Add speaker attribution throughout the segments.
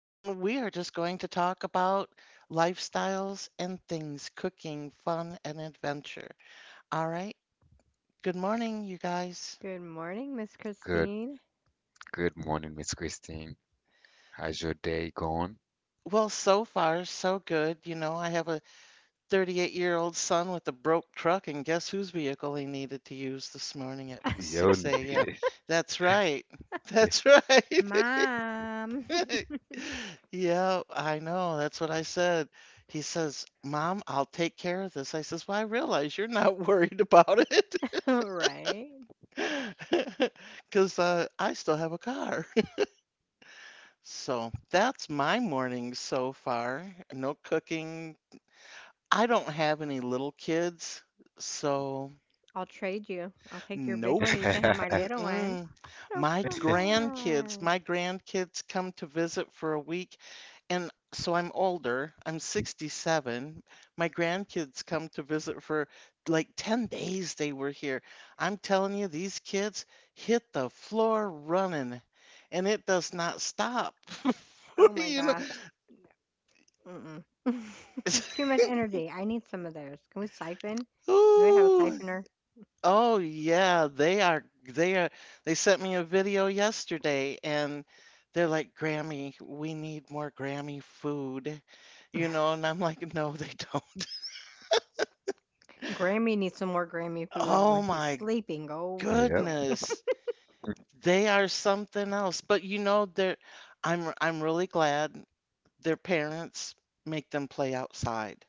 Speaker 1: and we are just going to talk about lifestyles and things, cooking, fun, and adventure. All right. Good morning, you guys.
Speaker 2: Good morning, Miss
Speaker 3: Good
Speaker 2: Christine.
Speaker 3: good morning, Miss Christine. How's your day going?
Speaker 1: Well, so far, so good. You know, I have a 38-year-old son with a broke truck, and guess whose vehicle he needed to use this morning at
Speaker 3: Yo,
Speaker 1: 6 a.m.?
Speaker 3: nigga.
Speaker 1: That's right. That's right.
Speaker 2: Mom.
Speaker 1: Yeah, I know. That's what I said. He says, Mom, I'll take care of this. I says, Well, I realize you're not worried about it
Speaker 2: All right.
Speaker 1: because I still have a car. So that's my morning so far. No cooking. I don't have any little kids. So,
Speaker 2: I'll trade you. I'll take your big one
Speaker 1: nope.
Speaker 2: and you can have my little one.
Speaker 1: Mm-mm.
Speaker 2: Oh,
Speaker 1: My
Speaker 2: come
Speaker 1: grandkids,
Speaker 2: on.
Speaker 1: my grandkids come to visit for a week, and so I'm older. I'm 67. My grandkids come to visit for like 10 days they were here. I'm telling you, these kids hit the floor running, and it does not stop.
Speaker 2: Oh my
Speaker 1: You know,
Speaker 2: gosh. Mm-mm. Too much energy. I need some of theirs. Can we siphon? Do I have a
Speaker 1: ooh.
Speaker 2: siphoner?
Speaker 1: Oh yeah, they sent me a video yesterday, and they're like, Grammy, we need more Grammy food, you know, and I'm like, no, they don't.
Speaker 2: Grammy needs some more Grammy food
Speaker 1: Oh
Speaker 2: when she's
Speaker 1: my
Speaker 2: sleeping. Go
Speaker 3: Yep.
Speaker 2: away.
Speaker 1: goodness. They are something else. But you know, they're I'm really glad their parents make them play outside.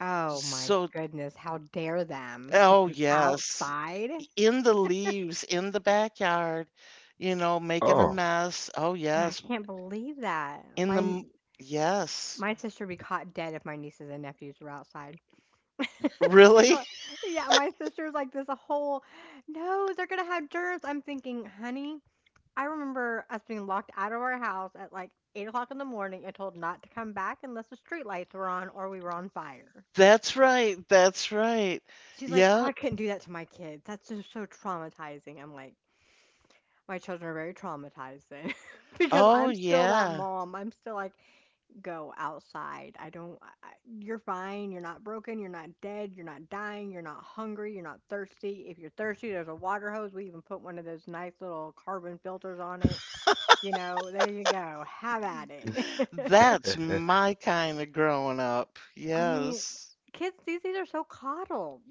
Speaker 2: Oh my
Speaker 1: So,
Speaker 2: goodness. How dare them put
Speaker 1: oh
Speaker 2: them
Speaker 1: yes,
Speaker 2: outside?
Speaker 1: in the leaves, in the backyard, you know, making a
Speaker 3: Oh.
Speaker 1: mess. Oh
Speaker 2: I
Speaker 1: yes,
Speaker 2: can't believe that.
Speaker 1: In the
Speaker 2: My
Speaker 1: m- yes.
Speaker 2: My sister would be caught dead if my nieces and nephews were outside. She'd be
Speaker 1: Really?
Speaker 2: like, yeah, my sister's like no, they're gonna have germs. I'm thinking, honey, I remember us being locked out of our house at like 8 o'clock in the morning and told not to come back unless the street lights were on or we were on fire.
Speaker 1: That's right. That's right.
Speaker 2: She's like, oh,
Speaker 1: Yeah.
Speaker 2: I couldn't do that to my kids. That's just so traumatizing. I'm like, my children are very traumatized then because
Speaker 1: Oh,
Speaker 2: I'm still that
Speaker 1: yeah.
Speaker 2: mom. I'm still like, go outside. I don't I, you're fine. You're not broken. You're not dead. You're not dying. You're not hungry. You're not thirsty. If you're thirsty, there's a water hose. We even put one of those nice little carbon filters on it. You know, there you go. Have at it.
Speaker 1: That's my kind of growing up.
Speaker 2: I mean,
Speaker 1: Yes.
Speaker 2: kids these days are so coddled.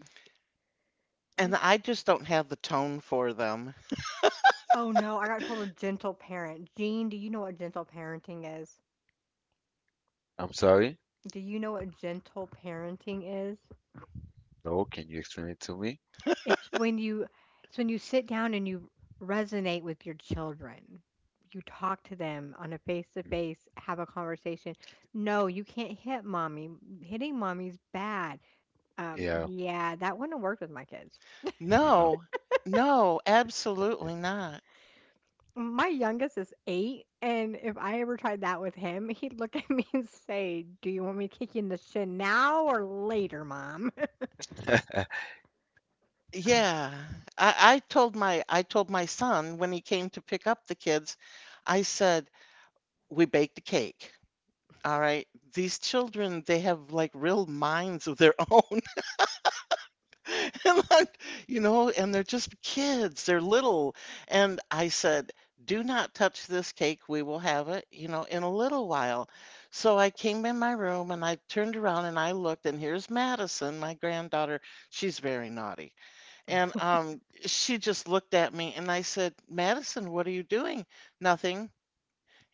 Speaker 2: And I
Speaker 1: And
Speaker 2: just
Speaker 1: I just don't have the tone for them.
Speaker 2: Oh no, I got told a gentle parent. Jean, do you know what gentle parenting is?
Speaker 3: I'm sorry?
Speaker 2: Do you know what gentle parenting is?
Speaker 3: No, can you explain it to me?
Speaker 2: It's when you it's when you sit down and you resonate with your children. You talk to them on a face-to-face, have a conversation. No, you can't hit mommy. Hitting mommy's bad. Um,
Speaker 3: Yeah.
Speaker 2: yeah, that wouldn't work with my kids.
Speaker 3: Yeah.
Speaker 1: No. No, absolutely not.
Speaker 2: My youngest is eight, and if I ever tried that with him, he'd look at me and say, "Do you want me to kick you in the shin now or later, mom?" Ugh,
Speaker 1: Yeah. I told my son when he came to pick up the kids. I said, "We baked a cake." All right. These children, they have like real minds of their own. And I You know, and they're just kids, they're little, and I said, "Do not touch this cake, we will have it, you know, in a little while." So I came in my room and I turned around and I looked, and here's Madison, my granddaughter, she's very naughty, and, she just looked at me, and I said, "Madison, what are you doing?" "Nothing."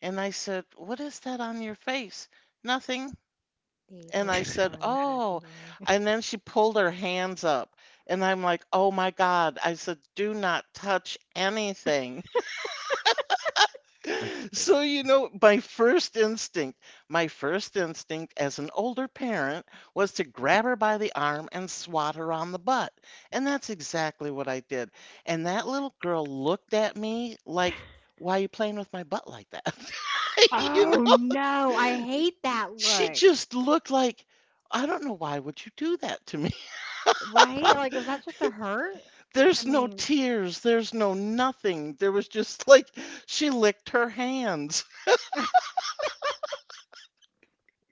Speaker 1: And I said, "What is that on your face?" "Nothing."
Speaker 2: these are
Speaker 1: And
Speaker 2: not
Speaker 1: I
Speaker 2: the
Speaker 1: said,
Speaker 2: drawings you're looking
Speaker 1: "Oh."
Speaker 2: for.
Speaker 1: And then she pulled her hands up. And I'm like, "Oh my God." I said, "Do not touch anything." So, you know, my first instinct as an older parent was to grab her by the arm and swat her on the butt. And that's exactly what I did. And that little girl looked at me like, "Why are you playing with my butt like that?" You
Speaker 2: Oh
Speaker 1: know?
Speaker 2: no, I hate that
Speaker 1: She
Speaker 2: look.
Speaker 1: just looked like, "I don't know. Why would you do that to me?"
Speaker 2: Right? Like, was that supposed to hurt? I
Speaker 1: There's no
Speaker 2: mean,
Speaker 1: tears, there's no nothing. There was just like she licked her hands.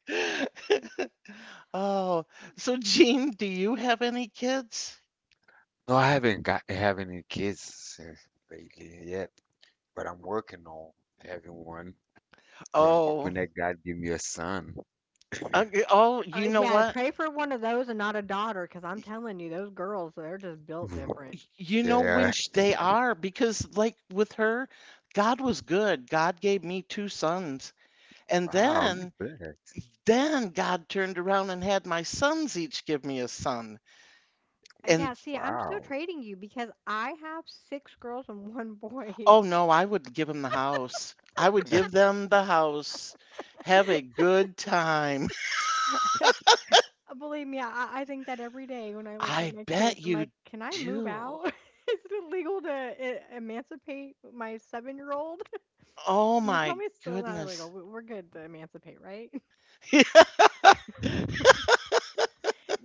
Speaker 1: Oh, so Jean, do you have any kids?
Speaker 3: No, I haven't any kids lately yet, but I'm working on having one. But I'm
Speaker 1: Oh,
Speaker 3: hoping that God give me a son.
Speaker 1: okay. Oh, you know
Speaker 2: yeah,
Speaker 1: what?
Speaker 2: pray for one of those and not a daughter, because I'm telling you, those girls, they're just built different.
Speaker 1: You know
Speaker 3: Yeah.
Speaker 1: which they are because, like, with her, God was good. God gave me two sons, and
Speaker 3: Wow, you
Speaker 1: then,
Speaker 3: bet.
Speaker 1: then God turned around and had my sons each give me a son,
Speaker 2: Yeah,
Speaker 1: and
Speaker 2: see, I'm still
Speaker 3: Wow.
Speaker 2: trading you because I have six girls and one boy.
Speaker 1: Oh no, I would give them the house. I would give them the house. Have a good time.
Speaker 2: Believe me, I think that every day when I look at
Speaker 1: I
Speaker 2: my
Speaker 1: bet
Speaker 2: kids, I'm like,
Speaker 1: you
Speaker 2: can I move
Speaker 1: do.
Speaker 2: out? Is it illegal to emancipate my 7 year old?
Speaker 1: Oh
Speaker 2: Mm, tell
Speaker 1: my
Speaker 2: me it's still not illegal.
Speaker 1: goodness.
Speaker 2: We're good to emancipate, right?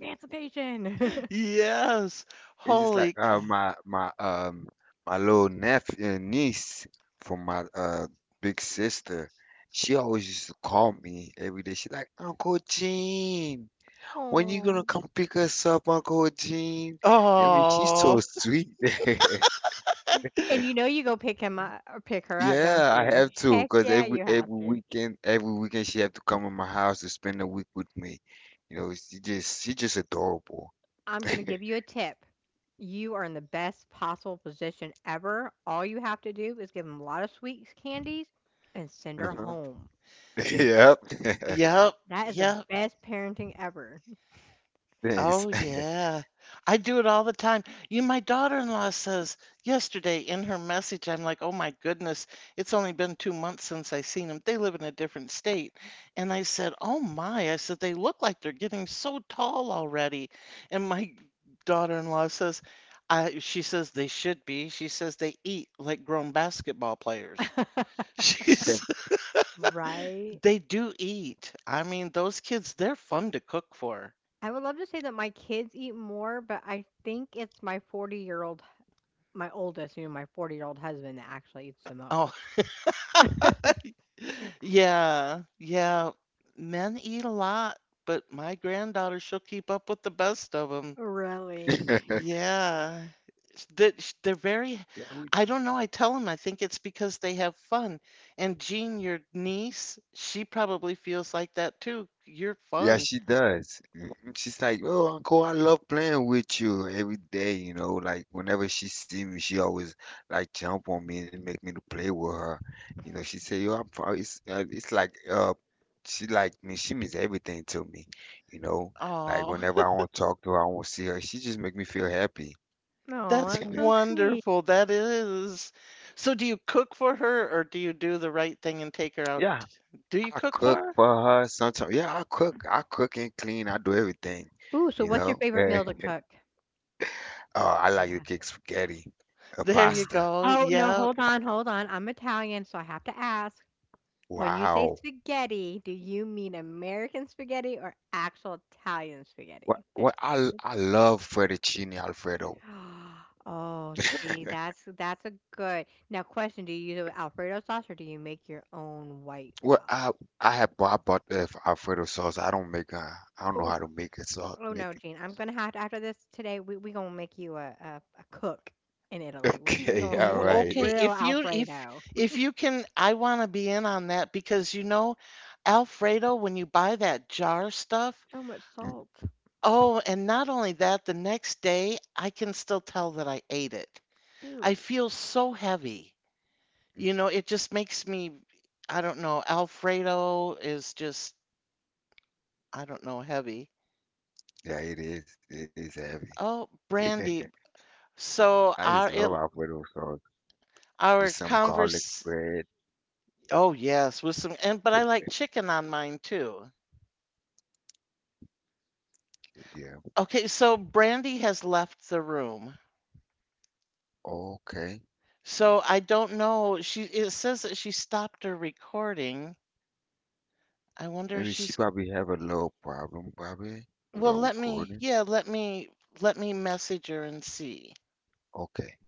Speaker 2: Emancipation.
Speaker 1: Yes.
Speaker 3: It's just
Speaker 1: Holy
Speaker 3: like
Speaker 1: cow.
Speaker 3: my my little nephew niece from my big sister. She always used to call me every day. She like, Uncle Gene, when you gonna
Speaker 2: Oh.
Speaker 3: come pick us up, Uncle Gene? I mean, she's so
Speaker 1: Oh.
Speaker 3: sweet.
Speaker 2: And you know you go pick him up or pick her up, don't
Speaker 3: Yeah, I
Speaker 2: you?
Speaker 3: have to,
Speaker 2: Heck
Speaker 3: because
Speaker 2: yeah,
Speaker 3: every
Speaker 2: you have
Speaker 3: every
Speaker 2: to.
Speaker 3: weekend, every weekend she have to come in my house to spend a week with me. You know, she just adorable.
Speaker 2: I'm gonna give you a tip. You are in the best possible position ever. All you have to do is give him a lot of sweets, candies, and send
Speaker 3: Uh
Speaker 2: her
Speaker 3: huh.
Speaker 2: home.
Speaker 3: Yep.
Speaker 1: Yep.
Speaker 2: That is the
Speaker 1: Yep.
Speaker 2: best parenting ever.
Speaker 3: Thanks.
Speaker 1: Oh, yeah. I do it all the time. You My daughter-in-law says yesterday in her message, I'm like, "Oh my goodness, it's only been 2 months since I seen them. They live in a different state. And I said, "Oh my." I said, "They look like they're getting so tall already." And my daughter-in-law says, she says they should be. She says they eat like grown basketball players. She's,
Speaker 2: Right?
Speaker 1: they do eat. I mean, those kids, they're fun to cook for.
Speaker 2: I would love to say that my kids eat more, but I think it's my 40-year-old, my oldest, you know, my 40-year-old husband that actually eats the
Speaker 1: Oh.
Speaker 2: most.
Speaker 1: Yeah, yeah. Men eat a lot, but my granddaughter, she'll keep up with the best of them.
Speaker 2: Really?
Speaker 1: Yeah. Sh- They're, sh- they're very,
Speaker 3: Yeah,
Speaker 1: I don't know. I tell them I think it's because they have fun. And Jean, your niece, she probably feels like that too. You're
Speaker 3: yeah,
Speaker 1: fun.
Speaker 3: she does. Mhm. She's like, "Oh, uncle, I love playing with you every day." You know, like whenever she see me, she always like jump on me and make me to play with her. You know, she say, "Yo, I'm proud." It's like she like me. She means everything to me. You know, like
Speaker 1: Oh,
Speaker 3: whenever I want to talk to her, I want to see her. She just make me feel happy.
Speaker 2: Oh,
Speaker 1: that's
Speaker 2: that's so sweet.
Speaker 1: wonderful. That is. So, do you cook for her or do you do the right thing and take her out?
Speaker 3: Yeah,
Speaker 1: Do you
Speaker 3: I
Speaker 1: cook for
Speaker 3: cook
Speaker 1: her?
Speaker 3: for her sometimes. Yeah, I cook. I cook and clean. I do everything.
Speaker 2: Ooh, so
Speaker 3: You
Speaker 2: what's your
Speaker 3: know.
Speaker 2: favorite
Speaker 3: Yeah.
Speaker 2: meal to cook?
Speaker 3: I like
Speaker 2: Gotta
Speaker 3: to cook spaghetti,
Speaker 1: There
Speaker 2: ask.
Speaker 1: you
Speaker 3: pasta.
Speaker 1: go.
Speaker 2: Oh, no,
Speaker 1: Yeah.
Speaker 2: hold on, hold on. I'm Italian, so I have to ask. When you say
Speaker 3: Wow.
Speaker 2: spaghetti, do you mean American spaghetti or actual Italian
Speaker 3: Well,
Speaker 2: spaghetti? There
Speaker 3: well,
Speaker 2: is
Speaker 3: I
Speaker 2: it.
Speaker 3: I love fettuccine Alfredo.
Speaker 2: Oh, see, that's a good. Now, question, do you do Alfredo sauce or do you make your own white
Speaker 3: Well, I
Speaker 2: sauce?
Speaker 3: I have I bought the Alfredo sauce. I don't make I don't know how
Speaker 2: Oh,
Speaker 3: to make it sauce.
Speaker 2: oh no,
Speaker 3: Make
Speaker 2: Gene. I'm gonna have to, after this today, we gonna make you a cook.
Speaker 3: it. Okay, all right.
Speaker 1: Okay, if you can, I want to be in on that because you know, Alfredo, when you buy that jar stuff, oh, and not only that, the next day I can still tell that I ate it. I feel so heavy. You know, it just makes me, I don't know, Alfredo is just, I don't know, heavy.
Speaker 3: Yeah, it is. It is
Speaker 1: Oh,
Speaker 3: heavy.
Speaker 1: Brandy. So
Speaker 3: I just
Speaker 1: our
Speaker 3: love
Speaker 1: it
Speaker 3: Alfredo sauce with
Speaker 1: our
Speaker 3: some garlic
Speaker 1: converse,
Speaker 3: bread.
Speaker 1: Oh yes, with some, and but I like chicken on mine too.
Speaker 3: Yeah.
Speaker 1: Okay, so Brandy has left the room.
Speaker 3: Okay.
Speaker 1: So I don't know. She It says that she stopped her recording. I wonder if
Speaker 3: Maybe she
Speaker 1: she's
Speaker 3: probably have a little problem, probably, with
Speaker 1: Well,
Speaker 3: our
Speaker 1: let me
Speaker 3: recording.
Speaker 1: yeah, let me message her and see.
Speaker 3: Okay.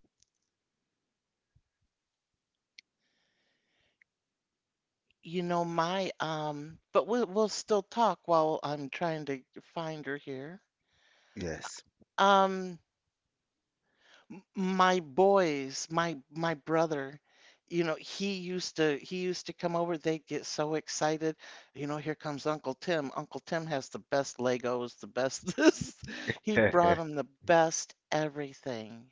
Speaker 1: You know, my but we'll still talk while I'm trying to find her here.
Speaker 3: Yes.
Speaker 1: Um m- my boys, my brother, you know, he used to come over. They'd get so excited. You know, here comes Uncle Tim. Uncle Tim has the best Legos, the best this. He brought
Speaker 3: Mhm.
Speaker 1: him the best everything.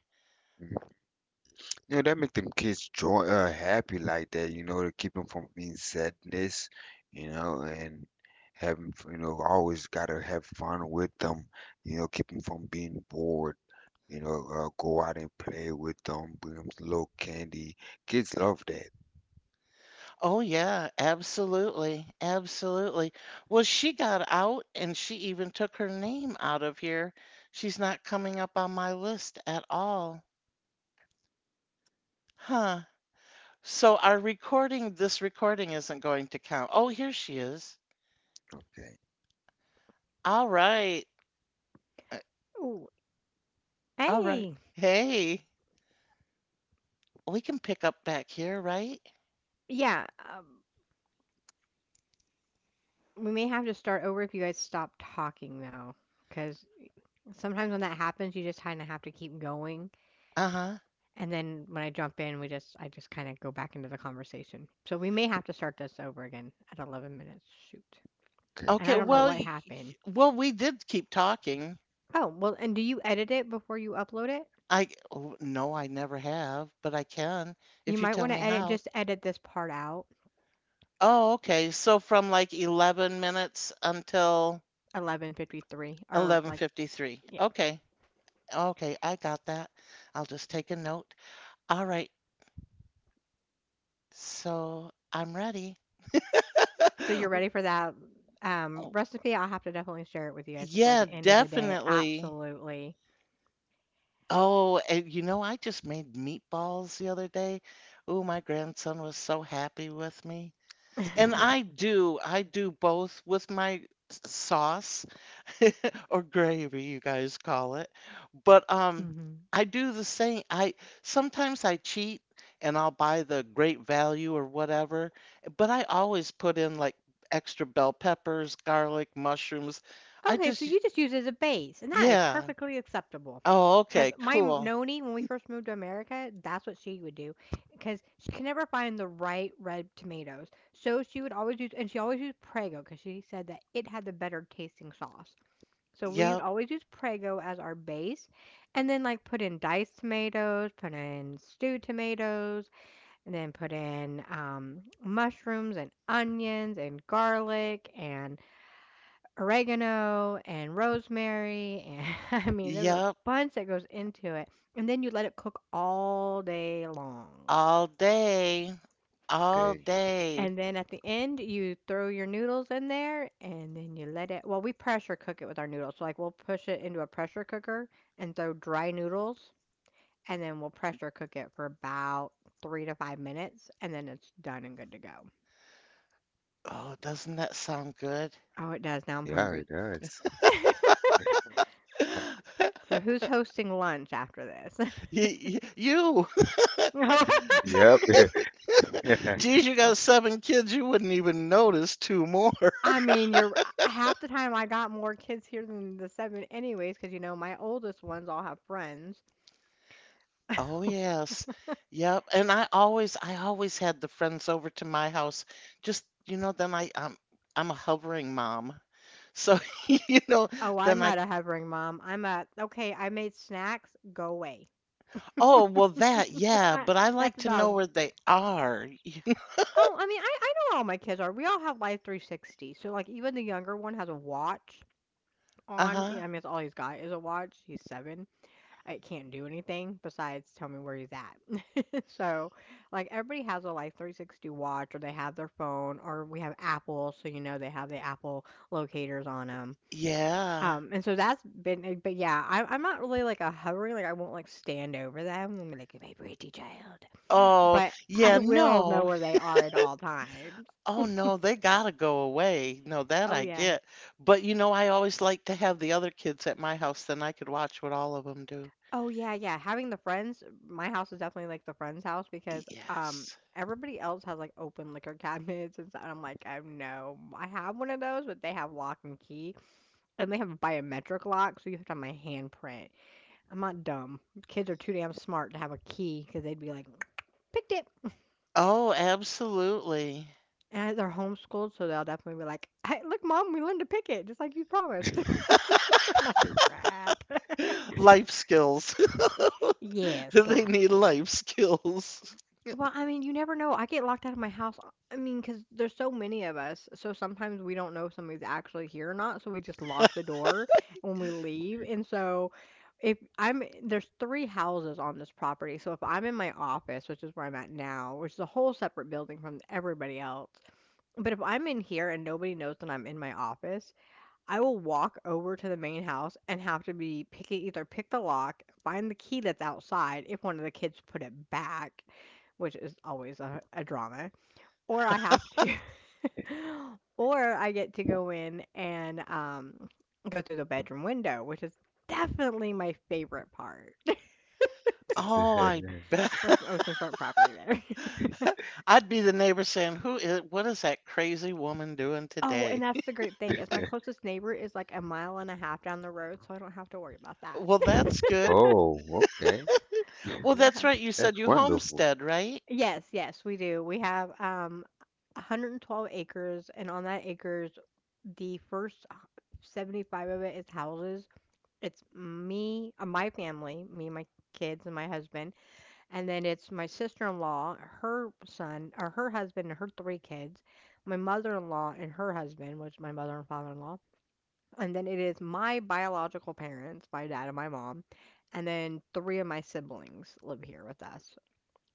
Speaker 3: Yeah, that make them kids joy happy like that, you know, to keep them from being sadness, you know, and having, you know, always gotta have fun with them, you know, keep them from being bored, you know, go out and play with them, bring them little candy. Kids love that.
Speaker 1: Oh yeah, absolutely. Absolutely. Well, she got out and she even took her name out of here. She's not coming up on my list at all. Huh. So this recording isn't going to count. Oh, here she is.
Speaker 3: Okay,
Speaker 1: All right. Uh,
Speaker 2: Ooh,
Speaker 1: All right.
Speaker 2: hey!
Speaker 1: Hey, we can pick up back here, right?
Speaker 2: Yeah, we may have to start over if you guys stop talking though, because sometimes when that happens, you just kind of have to keep going,
Speaker 1: Uh-huh.
Speaker 2: and then when I jump in, we just I just kind of go back into the conversation. So we may have to start this over again at 11 minutes. Shoot,
Speaker 3: okay,
Speaker 2: and
Speaker 3: no
Speaker 1: Okay,
Speaker 2: I don't know
Speaker 1: well,
Speaker 2: what
Speaker 3: problem.
Speaker 2: happened.
Speaker 1: well, we did keep talking.
Speaker 2: Oh well, and do you edit it before you upload it?
Speaker 1: Oh, no, I never have, but I can
Speaker 2: You
Speaker 1: if you
Speaker 2: might
Speaker 1: tell
Speaker 2: want to
Speaker 1: me
Speaker 2: edit
Speaker 1: how.
Speaker 2: just edit this part out.
Speaker 1: Oh, okay. So from like 11 minutes until
Speaker 2: 11:53 or like.
Speaker 1: 11:53. Okay. Okay, I got that. I'll just take a note. All right. So I'm ready.
Speaker 2: So you're ready for that recipe? I'll have to definitely share it with you guys before
Speaker 1: Yeah,
Speaker 2: the end of the day.
Speaker 1: definitely.
Speaker 2: Absolutely.
Speaker 1: Oh, and you know, I just made meatballs the other day. Ooh, my grandson was so happy with me. And I do both with my sauce or gravy, you guys call it. But
Speaker 2: Hmm.
Speaker 1: I do the same. I Sometimes I cheat and I'll buy the great value or whatever, but I always put in like extra bell peppers, garlic, mushrooms. I
Speaker 2: Okay, so
Speaker 1: just
Speaker 2: you just use it as a base, and that is
Speaker 1: Yeah.
Speaker 2: perfectly acceptable.
Speaker 1: Oh,
Speaker 2: Because
Speaker 1: okay,
Speaker 2: my
Speaker 1: cool.
Speaker 2: noni, when we first moved to America, that's what she would do. Because she could never find the right red tomatoes. So she would always use, and she always used Prego because she said that it had the better tasting sauce. So we would
Speaker 1: Yep,
Speaker 2: always use Prego as our base, and then like put in diced tomatoes, put in stewed tomatoes, and then put in mushrooms and onions and garlic and oregano and rosemary and I mean there's a
Speaker 1: yep,
Speaker 2: bunch that goes into it and then you let it cook all day long.
Speaker 1: all day, all
Speaker 3: They,
Speaker 1: day.
Speaker 2: And then at the end you throw your noodles in there and then you let it we pressure cook it with our noodles. So like we'll push it into a pressure cooker and throw dry noodles and then we'll pressure cook it for about 3 to 5 minutes and then it's done and good to go.
Speaker 1: Oh, doesn't that sound good?
Speaker 2: Oh, it does. Now I'm
Speaker 3: yeah,
Speaker 2: hungry.
Speaker 3: it does.
Speaker 2: So who's hosting lunch after this?
Speaker 1: You,
Speaker 2: No,
Speaker 3: Yep.
Speaker 2: guess-
Speaker 1: geez, you
Speaker 2: Oh.
Speaker 1: got seven kids, you wouldn't even notice two more.
Speaker 2: I mean, you're half the time I got more kids here than the seven, anyways, because you know my oldest ones all have friends.
Speaker 1: Oh yes. Yep. And I always had the friends over to my house. Just, you know, then I I'm a hovering mom. So, you know,
Speaker 2: Oh, I'm
Speaker 1: then I
Speaker 2: not a hovering mom. I'm a okay. I made snacks. Go away.
Speaker 1: Oh, well, that, yeah,
Speaker 2: I,
Speaker 1: but I like
Speaker 2: that's
Speaker 1: to
Speaker 2: about.
Speaker 1: know
Speaker 2: As-
Speaker 1: where they are.
Speaker 2: Oh, I mean, I know all my kids are. We all have Life 360. So like, even the younger one has a watch on.
Speaker 1: Uh-huh.
Speaker 2: I mean, it's all he's got is a watch. He's seven. It can't do anything besides tell me where he's at. So, like everybody has a like 360 watch or they have their phone or we have Apple, so you know they have the Apple locators on them.
Speaker 1: Yeah.
Speaker 2: And so that's been, but yeah, I'm not really like a hovering, like I won't like stand over them and be like, my pretty child,
Speaker 1: Oh,
Speaker 2: but I
Speaker 1: yeah,
Speaker 2: will know
Speaker 1: no.
Speaker 2: where they are at all times.
Speaker 1: Oh, no, they gotta go away. No, that
Speaker 2: Oh,
Speaker 1: I
Speaker 2: yeah.
Speaker 1: get. But you know, I always like to have the other kids at my house, then I could watch what all of them do.
Speaker 2: Oh, yeah, yeah, having the friends my house is definitely, like, the friend's house because,
Speaker 1: Yes.
Speaker 2: everybody else has, like, open liquor cabinets and stuff, and I'm like, "Oh, no." I have one of those, but they have lock and key, and they have a biometric lock, so you have to have my handprint. I'm not dumb. Kids are too damn smart to have a key because 'cause they'd be like, "Picked it."
Speaker 1: Oh, absolutely.
Speaker 2: And they're homeschooled, so they'll definitely be like, "Hey, look, mom, we learned to pick it just like you promised." I'm like, "Crap."
Speaker 1: Life skills.
Speaker 2: Yeah,
Speaker 1: They
Speaker 2: life
Speaker 1: need
Speaker 2: skills.
Speaker 1: life skills.
Speaker 2: Well, I mean, you never know. I get locked out of my house, I cause there's so many of us, so sometimes we don't know if somebody's actually here or not, so we just lock the door when we leave, and so if there's 3 houses on this property, so if I'm in my office, which is where I'm at now, which is a whole separate building from everybody else, but if I'm in here and nobody knows that I'm in my office, I will walk over to the main house and have to be picking, either pick the lock, find the key that's outside if one of the kids put it back, which is always a drama, or I have to, or I get to go in and go through the bedroom window, which is definitely my favorite part.
Speaker 1: Oh, I bet.
Speaker 2: What's my oceanfront property there?
Speaker 1: I'd be the neighbor saying, "Who is what is that crazy woman doing
Speaker 2: Oh, and
Speaker 1: today?"
Speaker 2: that's the great thing is my closest neighbor is like a mile and a half down the road, so I don't have to worry about
Speaker 1: Well, that's good.
Speaker 2: that.
Speaker 3: Oh, okay.
Speaker 2: I
Speaker 1: Well,
Speaker 2: don't
Speaker 1: that's
Speaker 2: have
Speaker 1: right. You said
Speaker 3: That's
Speaker 1: you
Speaker 3: wonderful.
Speaker 1: homestead, right?
Speaker 2: Yes, yes, we do. We have 112 acres, and on that acres, the first h- 75 of it is houses. It's me, my family, me, my kids, and my husband, and then it's my sister-in-law, her son, or her husband, and her three kids, my mother-in-law and her husband, which is my mother and father-in-law, and then it is my biological parents, my dad and my mom, and then three of my siblings live here with us.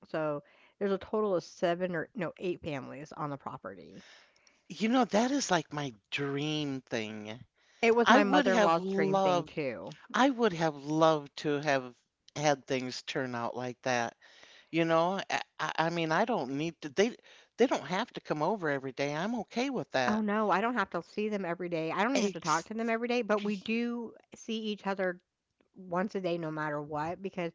Speaker 2: So there's a total of seven or no, eight families on the property.
Speaker 1: You know, that is like my dream thing.
Speaker 2: It was
Speaker 1: I
Speaker 2: my
Speaker 1: would have
Speaker 2: mother-in-law's dream thing
Speaker 1: loved,
Speaker 2: too.
Speaker 1: I would have loved to have had things turn out like that. You know, I mean, I don't need to, they don't have to come over every day. I'm okay with
Speaker 2: Oh
Speaker 1: that.
Speaker 2: no, I don't have to see them every day. I don't even have to talk
Speaker 1: Ex-
Speaker 2: to them every day, but we do see each other once a day no matter what because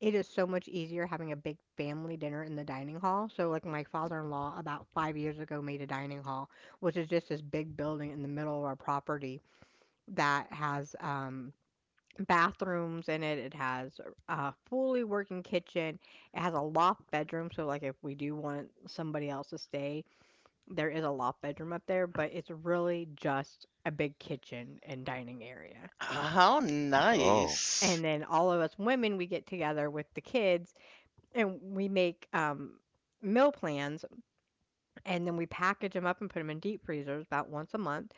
Speaker 2: it is so much easier having a big family dinner in the dining hall. So like my father-in-law about 5 years ago made a dining hall, which is just this big building in the middle of our property that has bathrooms in it. It has a fully working kitchen. It has a loft bedroom, so like if we do want somebody else to stay, there is a loft bedroom up there, but it's really just a big kitchen and dining area.
Speaker 1: how
Speaker 3: Oh.
Speaker 1: nice.
Speaker 2: And then all of us women, we get together with the kids and we make meal plans, and then we package them up and put them in deep freezers about once a month.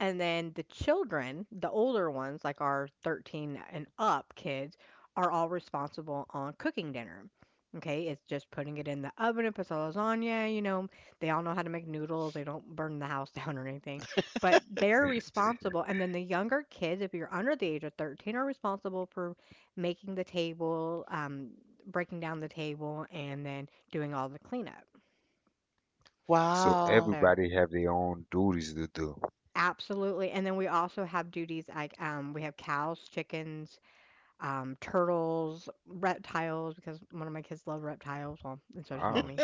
Speaker 2: And then the children, the older ones, like our 13 and up kids, are all responsible on cooking dinner. Okay, it's just putting it in the oven and puts a lasagna, you know, they all know how to make noodles, they don't burn the house down or anything, but they're responsible. And then the younger kids, if you're under the age of 13, are responsible for making the table, breaking down the table, and then doing all the cleanup.
Speaker 3: So
Speaker 1: Wow.
Speaker 2: So,
Speaker 3: everybody have their own duties to do.
Speaker 2: absolutely. And then we also have duties like we have cows, chickens, turtles, reptiles, because one of my kids love reptiles, well, and so does
Speaker 3: Wow.
Speaker 2: mommy.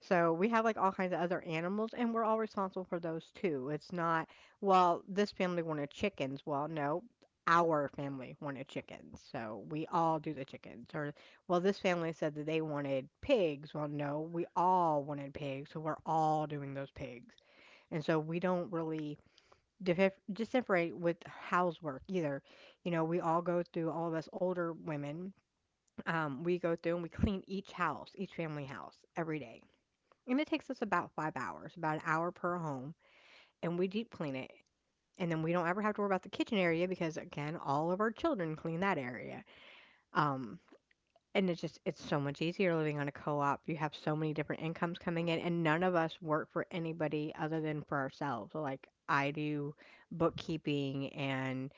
Speaker 2: So we have like all kinds of other animals, and we're all responsible for those too. It's not, well, this family wanted chickens. Well, no, our family wanted chickens, so we all do the chickens. Or, well, this family said that they wanted pigs. Well, no, we all wanted pigs, so we're all doing those pigs. And so we don't really differentiate with housework either. You know, we all go through, all of us older women, we go through and we clean each house, each family house every day. And it takes us about 5 hours, about an hour per home, and we deep clean it. And then we don't ever have to worry about the kitchen area because, again, all of our children clean that area. Um, and it's just, it's so much easier living on a co op. You have so many different incomes coming in, and none of us work for anybody other than for ourselves. So, like, I do bookkeeping and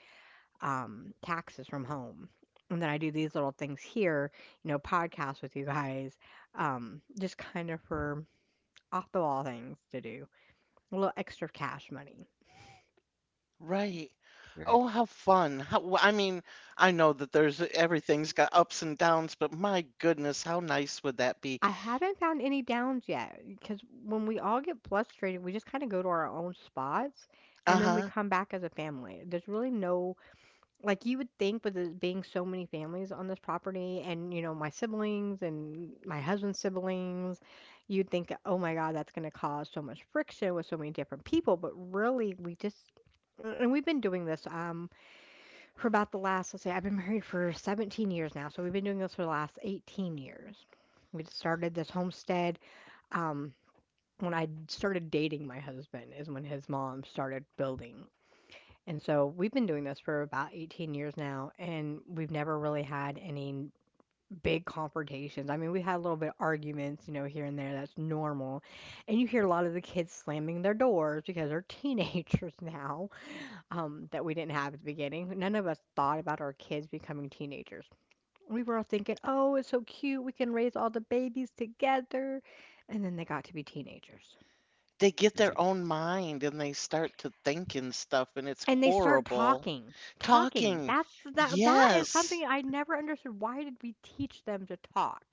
Speaker 2: taxes from home. And then I do these little things here, you know, podcasts with you guys, just kind of for off the wall things to do, a little extra cash money.
Speaker 1: Right.
Speaker 3: Okay.
Speaker 1: Oh, how fun. I mean, I know that there's everything's got ups and downs, but my goodness, how nice would that be?
Speaker 2: I haven't found any downs yet because when we all get frustrated, we just kind of go to our own spots and then we
Speaker 1: Uh-huh.
Speaker 2: come back as a family. There's really no. Like, you would think with it being so many families on this property and, you know, my siblings and my husband's siblings, you'd think, oh my God, that's going to cause so much friction with so many different people. But really, we just, and we've been doing this for about the last, let's say, I've been married for 17 years now. So we've been doing this for the last 18 years. We just started this homestead. Um, when I started dating my husband, is when his mom started building, and so we've been doing this for about 18 years now, and we've never really had any big confrontations. I mean, we had a little bit of arguments, you know, here and there. That's normal. And you hear a lot of the kids slamming their doors because they're teenagers now, that we didn't have at the beginning. None of us thought about our kids becoming teenagers. We were all thinking, oh, it's so cute. We can raise all the babies together. And then they got to be teenagers.
Speaker 1: They get their own mind and they start to think and stuff, and it's
Speaker 2: And they start
Speaker 1: horrible.
Speaker 2: talking. Talking.
Speaker 1: Talking.
Speaker 2: That is
Speaker 1: Yes.
Speaker 2: something I never understood. Why did we teach them to talk?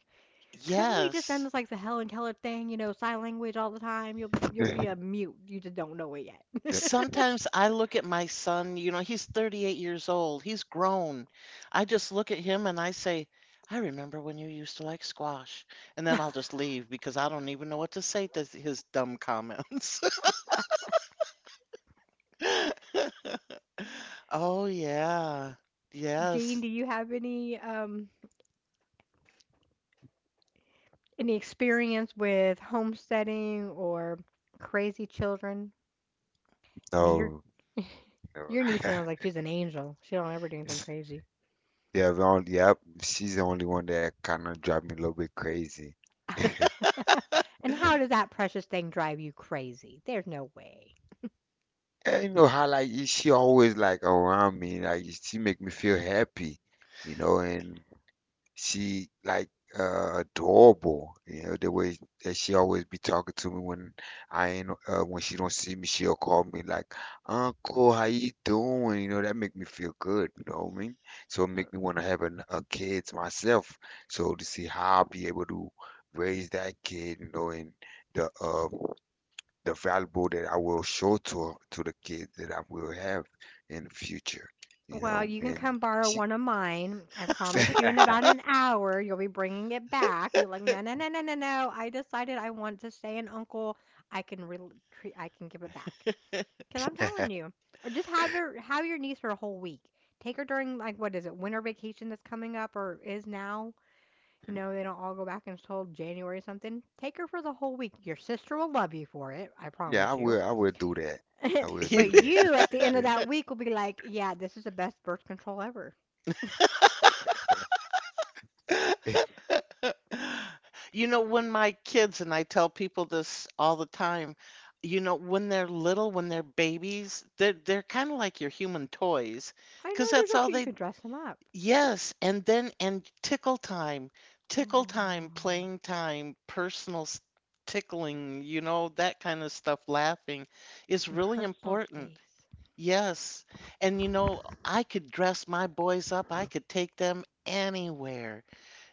Speaker 2: Couldn't we just done
Speaker 1: Yes.
Speaker 2: this like the Helen Keller thing, you know, sign language all the time? You'll be
Speaker 3: Yep.
Speaker 2: a mute. You just don't know it yet.
Speaker 1: Sometimes I look at my son, you know, he's 38 years old. He's grown. I just look at him and I say, I remember when you used to like squash. And then I'll just leave because I don't even know what to say to his dumb comments. Oh, yeah.
Speaker 2: Jean,
Speaker 1: Yes.
Speaker 2: do you have any experience with homesteading or crazy children? I mean, your
Speaker 3: No, no.
Speaker 2: your niece sounds like she's an angel. She don't ever do anything crazy.
Speaker 3: Yeah, the only, yep. She's the only one that kind of drive me a little bit crazy.
Speaker 2: And how does that precious thing drive you crazy? There's no way.
Speaker 3: And you know how like she always like around me, like she make me feel happy, you know, and she like adorable. You know, the way that she always be talking to me when I ain't when she don't see me, she'll call me like, Uncle, how you doing? You know, that make me feel good, you know what I mean? So it make me wanna have an, a kids myself. So to see how I'll be able to raise that kid, you know, and the uh the valuable that I will show to the kids that I will have in the future, you
Speaker 2: Well,
Speaker 3: know,
Speaker 2: you can
Speaker 3: and
Speaker 2: come borrow
Speaker 3: she.
Speaker 2: one of mine. I promise you in about an hour you'll be bringing it back. And be like, "No, no, no, no, no, no. I decided I want to stay an uncle. I can re I can give it back." Cuz I'm telling you. Or just have your niece for a whole week. Take her during like what is it? Winter vacation that's coming up or is now. You know, they don't all go back until January or something. Take her for the whole week. Your sister will love you for it, I
Speaker 3: Yeah, I
Speaker 2: promise you.
Speaker 3: will. I will do that. I will
Speaker 1: You.
Speaker 3: do
Speaker 2: But you at the end of
Speaker 3: that.
Speaker 2: that week will be like, "Yeah, this is the best birth control ever."
Speaker 1: You know, when my kids, and I tell people this all the time, you know, when they're little, when they're babies, they're kind of like your human toys,
Speaker 2: I
Speaker 1: 'cause
Speaker 2: know they're
Speaker 1: that's
Speaker 2: so
Speaker 1: all
Speaker 2: cute. You
Speaker 1: they
Speaker 2: could dress them up.
Speaker 1: yes, and then and tickle time,
Speaker 2: Oh.
Speaker 1: playing time, tickling, you know, that kind of stuff, laughing is
Speaker 2: In
Speaker 1: really
Speaker 2: personal
Speaker 1: important.
Speaker 2: space.
Speaker 1: Yes. And you know, I could dress my boys up. I could take them anywhere.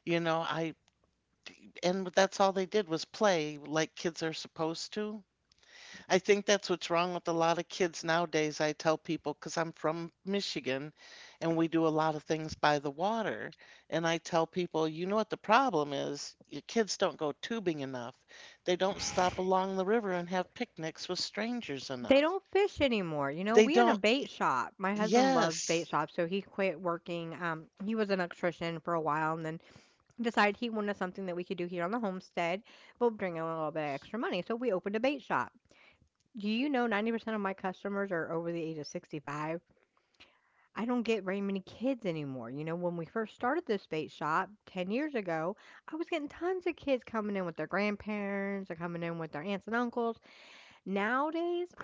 Speaker 1: You know, I and that's all they did was play like kids are supposed to. I think that's what's wrong with a lot of kids nowadays. I tell people because I'm from Michigan and we do a lot of things by the water. And I tell people, you know what the problem is? Your kids don't go tubing enough. They don't stop along the river and have picnics with strangers
Speaker 2: They
Speaker 1: enough.
Speaker 2: don't fish anymore. You know,
Speaker 1: They
Speaker 2: we own a
Speaker 1: don't,
Speaker 2: bait shop. My husband loves bait
Speaker 1: yes,
Speaker 2: shops, so he quit working. He was an electrician for a while and then decided he wanted something that we could do here on the homestead, but bring in a little bit of extra money. So we opened a bait shop. Do you know 90% of my customers are over the age of 65? I don't get very many kids anymore. You know, when we first started this bait shop 10 years ago, I was getting tons of kids coming in with their grandparents or coming in with their aunts and uncles. Nowadays,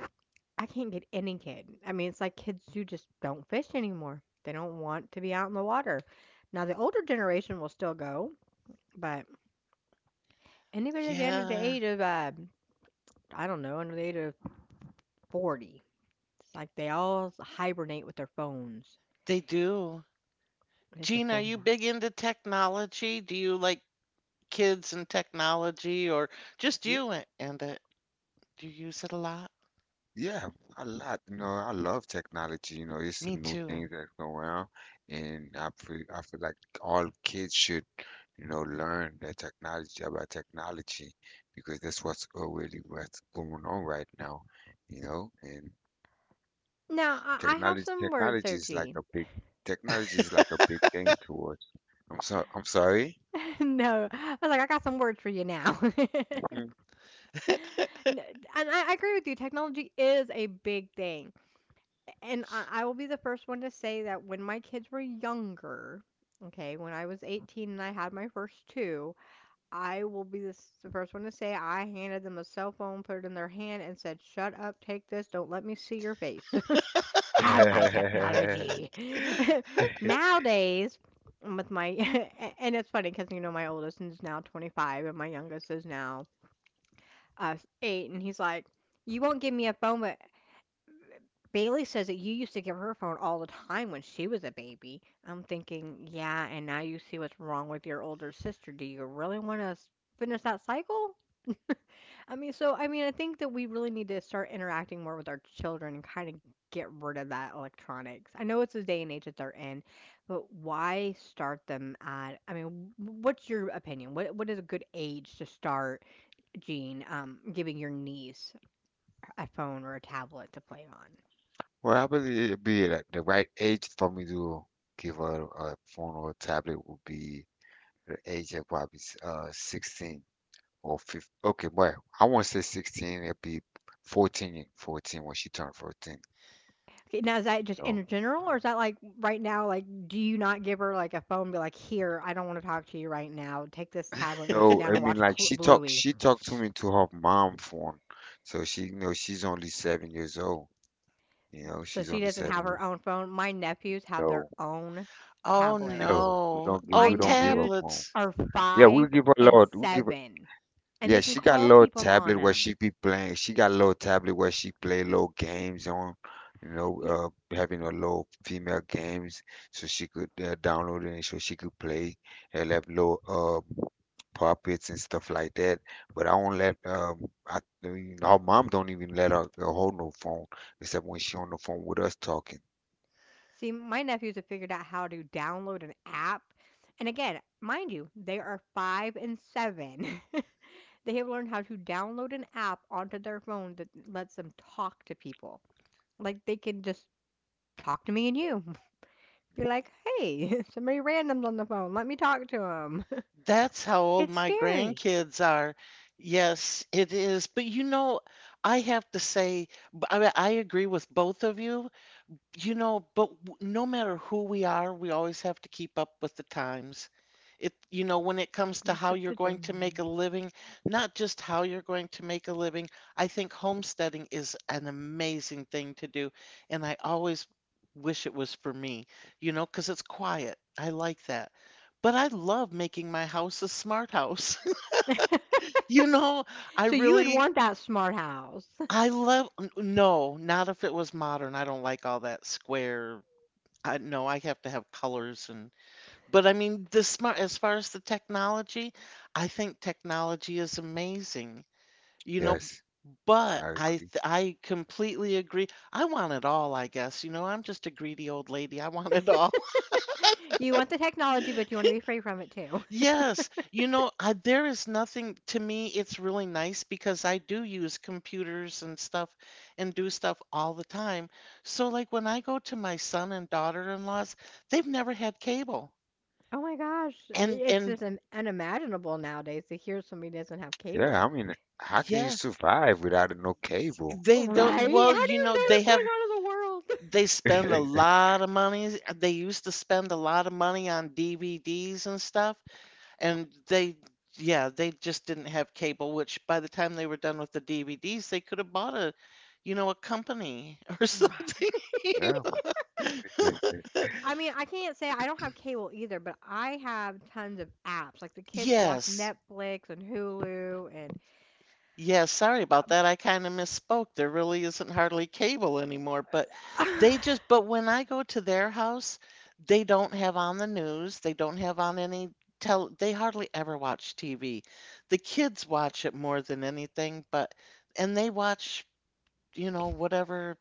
Speaker 2: I can't get any kid. I mean, it's like kids who just don't fish anymore. They don't want to be out in the water. Now, the older generation will still go, but anybody at the end of the
Speaker 1: yeah,
Speaker 2: age of, I don't know, under the age of 40, it's like they all hibernate with their phones.
Speaker 1: they do.
Speaker 2: It's a
Speaker 1: Gene, are
Speaker 2: phone
Speaker 1: you
Speaker 2: world.
Speaker 1: big into technology? Do you like kids and technology or just
Speaker 3: Yeah,
Speaker 1: you a- and it? Do you use it a lot?
Speaker 3: yeah, a lot. You know, I love technology. You know, it's the
Speaker 1: Me
Speaker 3: new
Speaker 1: too.
Speaker 3: things that's going around, and I feel like all kids should, you know, learn that technology about technology because that's what's really what's going on right now. You know, and
Speaker 2: Now, I have
Speaker 3: technology
Speaker 2: some words
Speaker 3: technology
Speaker 2: there,
Speaker 3: is like
Speaker 2: Gene.
Speaker 3: a big technology is like a big thing to us. I'm sorry.
Speaker 2: No. I was like, "I got some words for you now." N and I agree with you, technology is a big thing, and I will be the first one to say that when my kids were younger, okay, when I was 18 and I had my first 2, I will be the first one to say I handed them a cell phone, put it in their hand, and said, "Shut up, take this, don't let me see your face." Have my
Speaker 3: Mhm.
Speaker 2: technology. Nowadays, with my, and it's funny because, you know, my oldest is now 25 and my youngest is now uh, 8. And he's like, you won't give me a phone, but Bailey says that you used to give her a phone all the time when she was a baby. I'm thinking, yeah, and now you see what's wrong with your older sister. Do you really want to finish that cycle? I mean, so I mean, I think that we really need to start interacting more with our children and kind of get rid of that electronics. I know it's the day and age that they're in, but why start them at? I mean, what's your opinion? What is a good age to start, Jean, giving your niece a phone or a tablet to play on?
Speaker 3: Probably it'd be like the right age for me to give her a phone or tablet would be the age of probably 16 or 15. Okay, well, I won't say 16, it'd be 14 when she turned 14.
Speaker 2: Okay, now is that
Speaker 3: You
Speaker 2: just
Speaker 3: know?
Speaker 2: in general, or is that like right now? Like, do you not give her like a phone? And be like, here, I don't want to talk to you right now. Take this tablet and go sit
Speaker 3: So
Speaker 2: down
Speaker 3: I
Speaker 2: and
Speaker 3: mean
Speaker 2: watch
Speaker 3: like she talked
Speaker 2: Bluey.
Speaker 3: she talked to me to her mom phone. So she you know she's only 7 years old. You know,
Speaker 2: So
Speaker 3: she's
Speaker 2: she
Speaker 3: only
Speaker 2: doesn't have
Speaker 3: seven
Speaker 2: her
Speaker 3: years
Speaker 2: own phone. My nephews have their
Speaker 3: old.
Speaker 2: own
Speaker 1: Oh
Speaker 2: tablets.
Speaker 3: So we
Speaker 1: no.
Speaker 3: don't give
Speaker 1: Oh,
Speaker 2: My
Speaker 3: we don't give up
Speaker 2: nephews
Speaker 3: on.
Speaker 1: tablets.
Speaker 2: are
Speaker 3: Yeah, we
Speaker 2: 5
Speaker 3: give her a
Speaker 2: and
Speaker 3: lot. We give
Speaker 2: 7, and
Speaker 3: yeah,
Speaker 2: they can
Speaker 3: she got a
Speaker 2: call
Speaker 3: little
Speaker 2: people on
Speaker 3: tablet where
Speaker 2: them.
Speaker 3: she be playing. She got a little tablet where she play little games on, you know,
Speaker 2: Yeah.
Speaker 3: having a little female games so she could download it and so she could play and have little puppets and stuff like that. But I won't let I mean, her mom don't even let her, hold no phone except when she on the phone with us talking.
Speaker 2: See, my nephews have figured out how to download an app. And again, mind you, they are 5 and 7. They have learned how to download an app onto their phone that lets them talk to people. Like, they can just talk to me and you. Be like, "Hey, somebody random's on the phone. Let me talk to 'em."
Speaker 1: That's how old
Speaker 2: It's
Speaker 1: my
Speaker 2: scary.
Speaker 1: grandkids are. Yes, it is. But you know, I have to say, I agree with both of you. You know, but no matter who we are, we always have to keep up with the times. It, you know, when it comes to
Speaker 2: Up
Speaker 1: how
Speaker 2: with
Speaker 1: you're
Speaker 2: the
Speaker 1: going to make a
Speaker 2: Joneses.
Speaker 1: living, not just how you're going to make a living, I think homesteading is an amazing thing to do, and I always wish it was for me, you know, 'cause it's quiet. I like that. But I love making my house a smart house. You know, I
Speaker 2: So you would
Speaker 1: really,
Speaker 2: want that smart house.
Speaker 1: no, not if it was modern. I don't like all that square. I no, I have to have colors, and but I mean the smart as far as the technology, I think technology is amazing, you know,
Speaker 3: Yes,
Speaker 1: but
Speaker 3: I agree.
Speaker 1: I completely agree. I want it all, I guess. You know, I'm just a greedy old lady. I want it all.
Speaker 2: You want the technology, but you want to be free from it too.
Speaker 1: Yes, there is nothing to me. It's really nice because I do use computers and stuff and do stuff all the time. So like when I go to my son and daughter-in-laws, they've never had cable.
Speaker 2: Oh my gosh,
Speaker 1: And
Speaker 2: it's
Speaker 1: and
Speaker 2: just unimaginable nowadays to hear somebody doesn't have
Speaker 3: Yeah, I
Speaker 2: cable.
Speaker 3: mean, how can you
Speaker 1: yeah,
Speaker 3: survive without no cable?
Speaker 1: they
Speaker 2: Right?
Speaker 1: don't.
Speaker 2: How do you
Speaker 1: Well, you know,
Speaker 2: know what's going on in the world?
Speaker 1: they spend a lot of money. They used to spend a lot of money on DVDs and stuff, and they yeah, they just didn't have cable, which by the time they were done with the DVDs, they could have bought a, you know, a company or
Speaker 2: Right.
Speaker 1: something.
Speaker 3: Yeah. Yeah.
Speaker 2: I mean, I can't say I don't have cable either, but I have tons of apps. Like the kids watch
Speaker 1: Yes.
Speaker 2: Netflix and Hulu and
Speaker 1: Yeah, sorry about that. I kind of misspoke. There really isn't hardly cable anymore, but but when I go to their house, they don't have on the news. They don't have on they hardly ever watch TV. The kids watch it more than anything, but, and they watch, you know, whatever,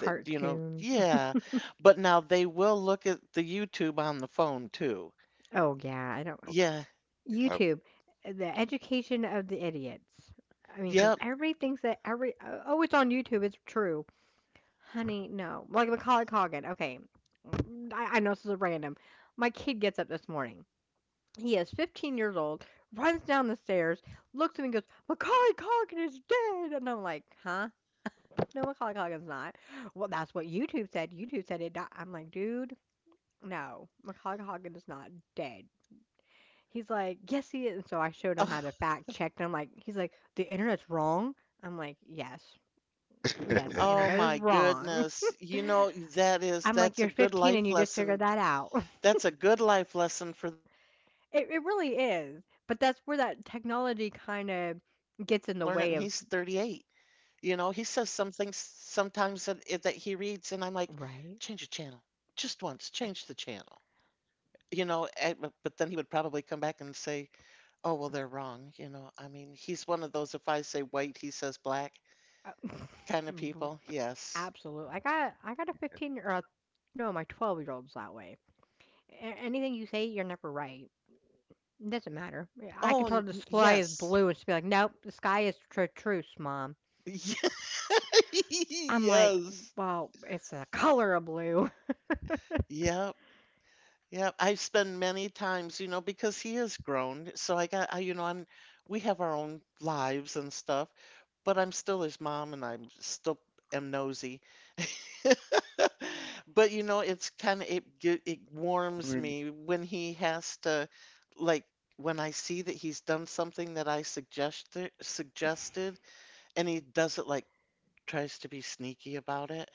Speaker 1: you know, yeah. But now they will look at the YouTube on the phone too.
Speaker 2: Oh yeah, I don't
Speaker 1: Yeah,
Speaker 3: Okay. Yeah.
Speaker 2: YouTube, the education of the idiots. I mean, because
Speaker 1: yep.
Speaker 2: everybody thinks that it's on YouTube, it's true, honey. No, like Macaulay Culkin. Okay, I know this is random. My kid gets up this morning. He is 15 years old, runs down the stairs, looks at me and goes, Macaulay Culkin is dead. And I'm like, huh? No, Macaulay Culkin's not. Well, that's what YouTube said. YouTube said it died. I'm like, dude, no, Macaulay Culkin is not dead. He's like, yes, he is. And so I showed him how to fact check. He's like, the internet's wrong. I'm like, yes, yes, the
Speaker 1: Oh
Speaker 2: internet is
Speaker 1: my
Speaker 2: wrong.
Speaker 1: goodness. You know,
Speaker 2: I'm like,
Speaker 1: that's a
Speaker 2: you're
Speaker 1: good
Speaker 2: 15 and
Speaker 1: life
Speaker 2: you just figured
Speaker 1: lesson.
Speaker 2: that out.
Speaker 1: That's a good life lesson for that boy
Speaker 2: It,
Speaker 1: today.
Speaker 2: it
Speaker 1: My
Speaker 2: really
Speaker 1: son
Speaker 2: is.
Speaker 1: needs to
Speaker 2: But
Speaker 1: learn
Speaker 2: that's
Speaker 1: it and
Speaker 2: where
Speaker 1: he's
Speaker 2: that technology
Speaker 1: 38.
Speaker 2: kind of
Speaker 1: You know, he
Speaker 2: gets in the
Speaker 1: says
Speaker 2: way
Speaker 1: some
Speaker 2: of,
Speaker 1: things sometimes that he reads and I'm like, change the channel. Just
Speaker 2: right?
Speaker 1: once, change the channel. You know, and, but then he would probably come back and say, "Oh, well, they're wrong." You know, I mean, he's one of those if I say white, he says black
Speaker 2: Uh,
Speaker 1: kind of
Speaker 2: r-
Speaker 1: people. Yes.
Speaker 2: Absolute. Like, I got a 15 or a, no, my 12-year old's that way. Anything you say, you're never right. It doesn't matter. I can tell her the sky is
Speaker 1: Yes.
Speaker 2: blue and she'll be like, nope, the sky is truce, mom. I'm like,
Speaker 1: Yes.
Speaker 2: "Well, it's a color of blue."
Speaker 1: Yep. Yep. I've spent many times, you know, because he is grown. So I got, I, you know, I'm, we have our own lives and stuff, but I'm still his mom and I'm still am nosy. But, you know, it's kind of, it, gi- it warms me
Speaker 3: I
Speaker 1: when
Speaker 3: mean,
Speaker 1: he has to, like, when I see that he's done something that I suggested, suggested, and he does it like, tries to be sneaky about it.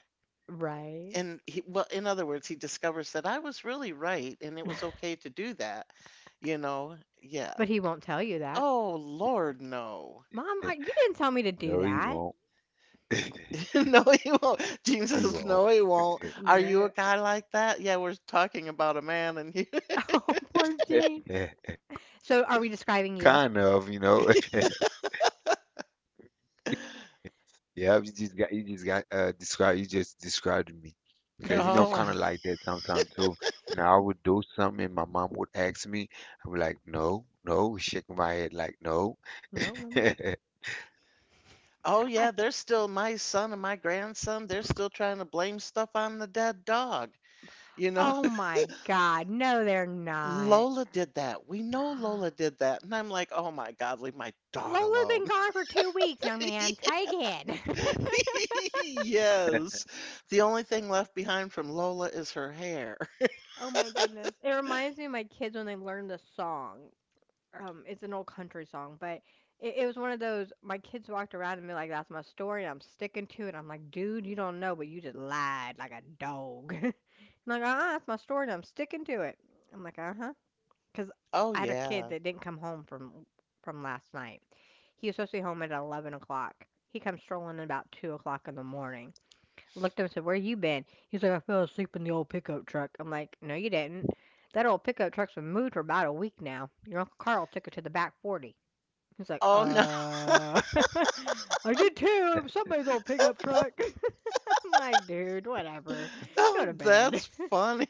Speaker 2: Right,
Speaker 1: And he well in other words, he discovers that I was really right and it was okay to do that, you know. Yeah.
Speaker 2: but he won't tell you that.
Speaker 1: Oh Lord, no.
Speaker 2: "Mom, I you didn't tell me to do that."
Speaker 3: no, he won't.
Speaker 1: No, he won't. James says no, he
Speaker 3: He
Speaker 1: won't.
Speaker 3: won't.
Speaker 1: Are you a
Speaker 2: No.
Speaker 1: guy like that? Yeah, we're talking about a man, and he
Speaker 2: Oh, poor Gene. So are we describing you?
Speaker 3: Kind of, you know. Yeah, you just got described. You just described me
Speaker 2: I
Speaker 3: because
Speaker 2: just
Speaker 3: you know I'm
Speaker 1: oh.
Speaker 3: kind of
Speaker 2: described.
Speaker 3: like that sometimes too. You know, I would do something and my mom would ask me. I'm like, no, no, shaking my head like no.
Speaker 2: No, mommy.
Speaker 1: Oh
Speaker 2: I
Speaker 1: yeah,
Speaker 2: c
Speaker 1: they're still my son, and my grandson, they're still trying to blame stuff on the dead dog, you know.
Speaker 2: Oh my god, no, they're not.
Speaker 1: Lola did that. We know Lola did that, and I'm like, oh my God, leave my dog
Speaker 2: "Lola's
Speaker 1: alone.
Speaker 2: been gone for 2 weeks, young man. Try again."
Speaker 1: Yes. The only thing left behind from Lola is her hair.
Speaker 2: Oh my goodness. It reminds me of my kids when they learn the song. It's an old country song, but it was one of those my kids walked around and be like, that's my story and I'm sticking to it. I'm like, dude, you don't know, but you just lied like a dog. I'm like, that's my story and I'm sticking to it. I'm like, uh huh. Because
Speaker 1: Oh,
Speaker 2: I had a kid
Speaker 1: yeah.
Speaker 2: that didn't come home from last night. He was supposed to be home at 11 o'clock. He comes strolling at about 2 o'clock in the morning. Looked up and said, "Where you been?" He's like, "I fell asleep in the old pickup truck." I'm like, "No, you didn't. That old pickup truck's been moved for about a week now. Your Uncle Carl took it to the back forty." He's like,
Speaker 1: Oh, no.
Speaker 2: " I did too. It was somebody's old pickup truck." I'm like, "Dude, whatever. Go
Speaker 1: Oh,
Speaker 2: to bed."
Speaker 1: that's funny.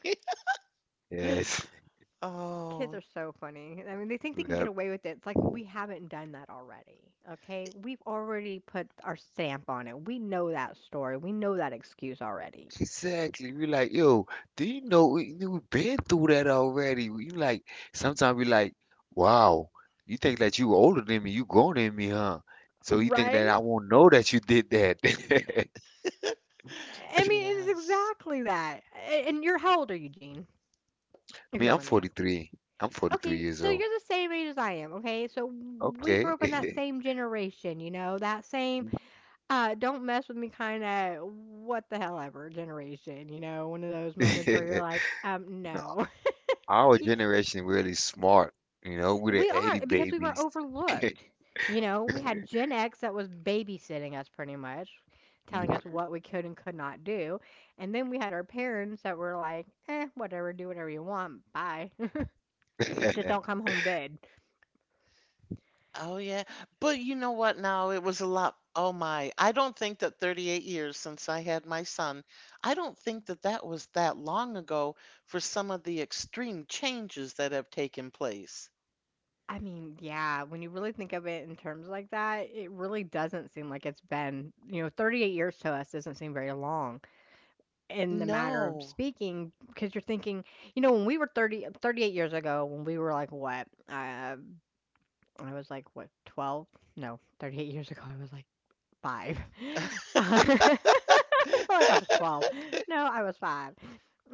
Speaker 3: Yes.
Speaker 2: Kids
Speaker 1: Oh,
Speaker 2: are so funny. I mean, they think they can get
Speaker 3: Yep.
Speaker 2: away with it. It's like we haven't done that already. Okay? We've already put our stamp on it. We know that story. We know that excuse already.
Speaker 3: Exactly. We like, yo, do you know we've been through that already? We like sometimes we like, wow, you think that you older than me, you grown than me, huh? So you think that
Speaker 2: Right?
Speaker 3: I won't know that you did that.
Speaker 2: I mean, it is
Speaker 1: yes.
Speaker 2: exactly that. A- And you're How old are you, Gene? If you
Speaker 3: Me,
Speaker 2: don't
Speaker 3: I'm
Speaker 2: mind me asking.
Speaker 3: 43. I'm 43
Speaker 2: Okay,
Speaker 3: years
Speaker 2: so
Speaker 3: old.
Speaker 2: you're the same age as I am, okay? So we grew
Speaker 3: Okay.
Speaker 2: up in that same generation, that same don't mess with me kind of what the hell ever generation, one of those moments where you're like,
Speaker 3: No,
Speaker 2: no.
Speaker 3: our
Speaker 2: you
Speaker 3: generation really smart. You know, we're
Speaker 2: We
Speaker 3: the
Speaker 2: are,
Speaker 3: 80s
Speaker 2: because we were
Speaker 3: babies.
Speaker 2: overlooked. We had Gen X that was babysitting us pretty much, telling
Speaker 3: Mhm.
Speaker 2: us what we could and could not do. And then we had our parents that were like, whatever, do whatever you want. Bye. Just don't come home dead.
Speaker 1: Oh, yeah. But you know what? Now it was a lot. Oh, my. I don't think that 38 years since I had my son, I don't think that that was that long ago for some of the extreme changes that have taken place.
Speaker 2: I mean, yeah, when you really think of it in terms like that, it really doesn't seem like it's been, 38 years. To us doesn't seem very long in the matter of
Speaker 1: No.
Speaker 2: speaking because you're thinking, when we were 30, 38 years ago, when we were like, what, I was like, what, 12? No, 38 years ago, I was like 5. Uh, like I was 12. No, I was 5.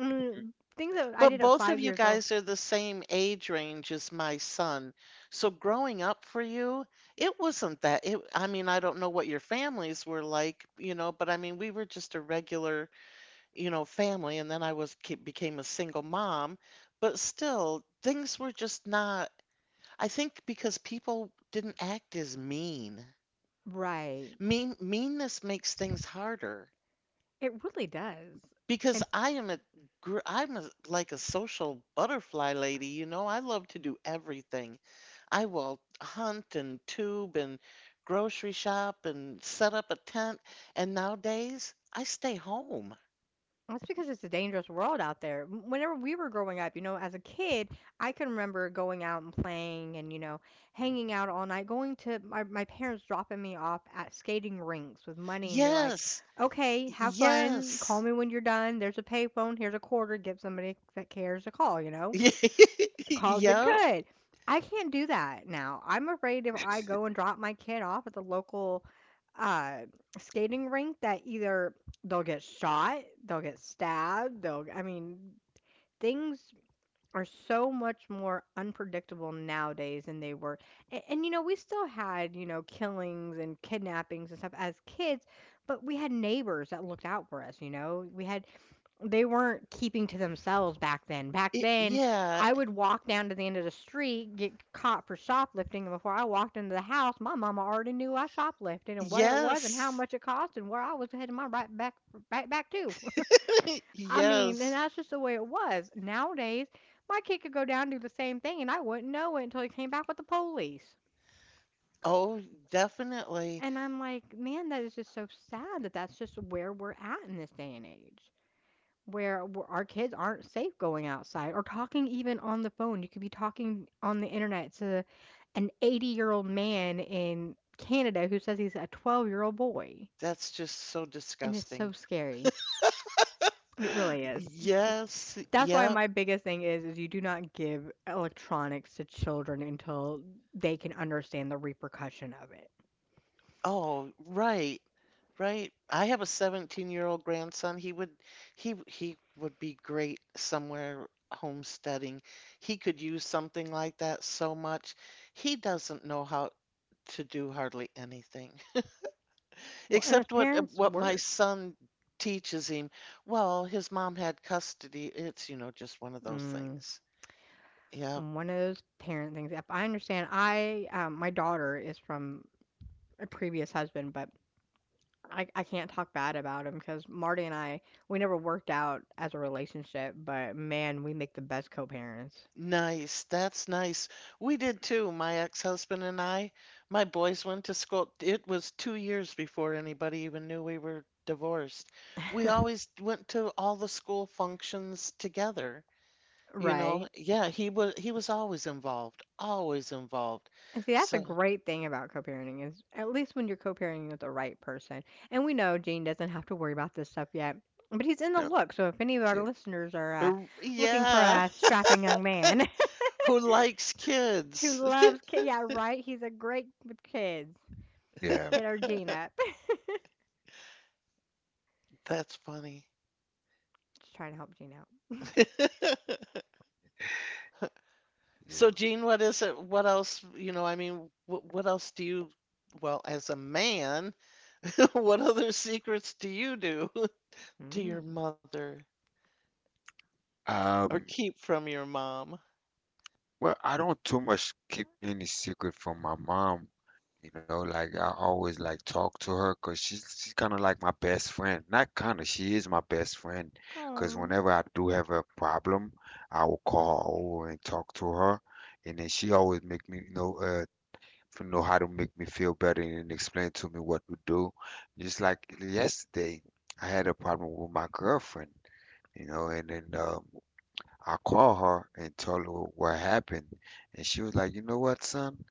Speaker 2: Mm, things that I
Speaker 1: But
Speaker 2: did at
Speaker 1: both of
Speaker 2: 5
Speaker 1: you
Speaker 2: years old.
Speaker 1: guys are the same age range as my son. So growing up for you, it wasn't that. It, I mean, I don't know what your families were like, you know, but I mean, we were just a regular, you know, family, and then became a single mom. But still, things were just not, I think because people didn't act as mean.
Speaker 2: Right.
Speaker 1: Mean meanness makes things harder.
Speaker 2: It really does.
Speaker 1: Because I'm a like a social butterfly lady, you know? I love to do everything. I will hunt and tube and grocery shop and set up a tent. And nowadays, I stay home.
Speaker 2: That's because it's a dangerous world out there. Whenever we were growing up, as a kid, I can remember going out and playing and, hanging out all night, going to my parents dropping me off at skating rinks with money and be like,
Speaker 1: Yes.
Speaker 2: okay, have fun. Call
Speaker 1: Yes.
Speaker 2: me when you're done. There's a payphone. Here's a quarter. Give somebody that cares a call, you know? Called it
Speaker 1: Yep.
Speaker 2: good. I can't do that now. I'm afraid if I go and drop my kid off at the local uh, skating rink, that either they'll get shot, they'll get stabbed, I mean, things are so much more unpredictable nowadays than they were. And we still had, killings and kidnappings and stuff as kids, but we had neighbors that looked out for us, we had they weren't keeping to themselves back then. Back then,
Speaker 1: Yeah.
Speaker 2: I would walk down to the end of the street, get caught for shoplifting, and before I walked into the house, my mama already knew I shoplifted and what it was and how
Speaker 1: Yes.
Speaker 2: much it cost and where I was heading my right back to. I mean, and
Speaker 1: Yes.
Speaker 2: that's just the way it was. Nowadays, my kid could go down and do the same thing, and I wouldn't know it until he came back with the police.
Speaker 1: Oh, definitely.
Speaker 2: And I'm like, man, that is just so sad that that's just where we're at in this day and age. Where w our kids aren't safe going outside or talking even on the phone. You could be talking on the internet to an 80-year-old man in Canada who says he's a 12-year-old boy,
Speaker 1: That's just so
Speaker 2: and it's so
Speaker 1: disgusting.
Speaker 2: scary. It really is. J
Speaker 1: Yes.
Speaker 2: That's why
Speaker 1: Yep.
Speaker 2: my biggest thing is you do not give electronics to children until they can understand the repercussion of it.
Speaker 1: Oh, right. Right. I have a 17-year-old grandson. He would he would be great somewhere homesteading. He could use something like that so much. He doesn't know how to do hardly anything
Speaker 2: Well, and as
Speaker 1: except what
Speaker 2: parents,
Speaker 1: what my
Speaker 2: work.
Speaker 1: son teaches him. Well, his mom had custody. It's, you know, just one of those
Speaker 2: Mm,
Speaker 1: things. Yeah.
Speaker 2: one of those parent things. If I understand, I my daughter is from a previous husband, but I can't talk bad about him because Marty and I, we never worked out as a relationship, but man, we make the best co-parents,
Speaker 1: Nice. That's nice. We did too, my ex-husband and I. My boys went to school. It was 2 years before anybody even knew we were divorced. We always went to all the school functions together, you know.
Speaker 2: right?
Speaker 1: Yeah, he was always involved, always involved.
Speaker 2: And see, that's a
Speaker 1: So,
Speaker 2: great thing about co-parenting is at least when you're co-parenting with the right person. And we know Gene doesn't have to worry about this stuff yet, but he's in the
Speaker 3: No,
Speaker 2: look. So if any of our
Speaker 3: shit.
Speaker 2: listeners are looking for
Speaker 1: yeah,
Speaker 2: a strapping young man
Speaker 1: who likes
Speaker 2: who
Speaker 1: kids?
Speaker 2: loves kids, yeah, right, he's a great with kids.
Speaker 3: Yeah,
Speaker 2: Hit our Gene up.
Speaker 1: That's funny.
Speaker 2: Just trying to help Gene out.
Speaker 1: So,
Speaker 3: yeah.
Speaker 1: Gene, what is it? What else, you know, I mean, what else do you, well, as a man, what other secrets do you do to
Speaker 2: Mm.
Speaker 1: your mother or
Speaker 3: Um,
Speaker 1: keep from your mom?
Speaker 3: well, I don't too much keep any secret from my mom. You know, like I always like talk to her, cause she's kind of like my best friend. Not kind of, she is my best friend. Cause
Speaker 2: Oh.
Speaker 3: whenever I do have a problem, I will call her over and talk to her, and then she always make me know know how to make me feel better and explain to me what to do. Just like yesterday, I had a problem with my girlfriend, you know, and then I called her and told her what happened, and she was like, "You know what, son?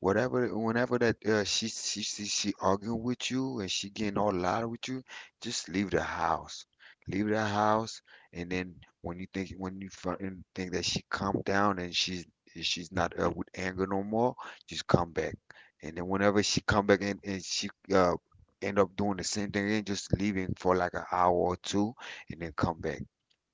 Speaker 3: Whatever, whenever that she arguing with you and she getting all loud with you, just leave the house, and then when you think when you think that she calmed down and she's not with anger no more, just come back, and then whenever she come back and she uh end up doing the same thing again, just leaving for like an hour or two, and then come back."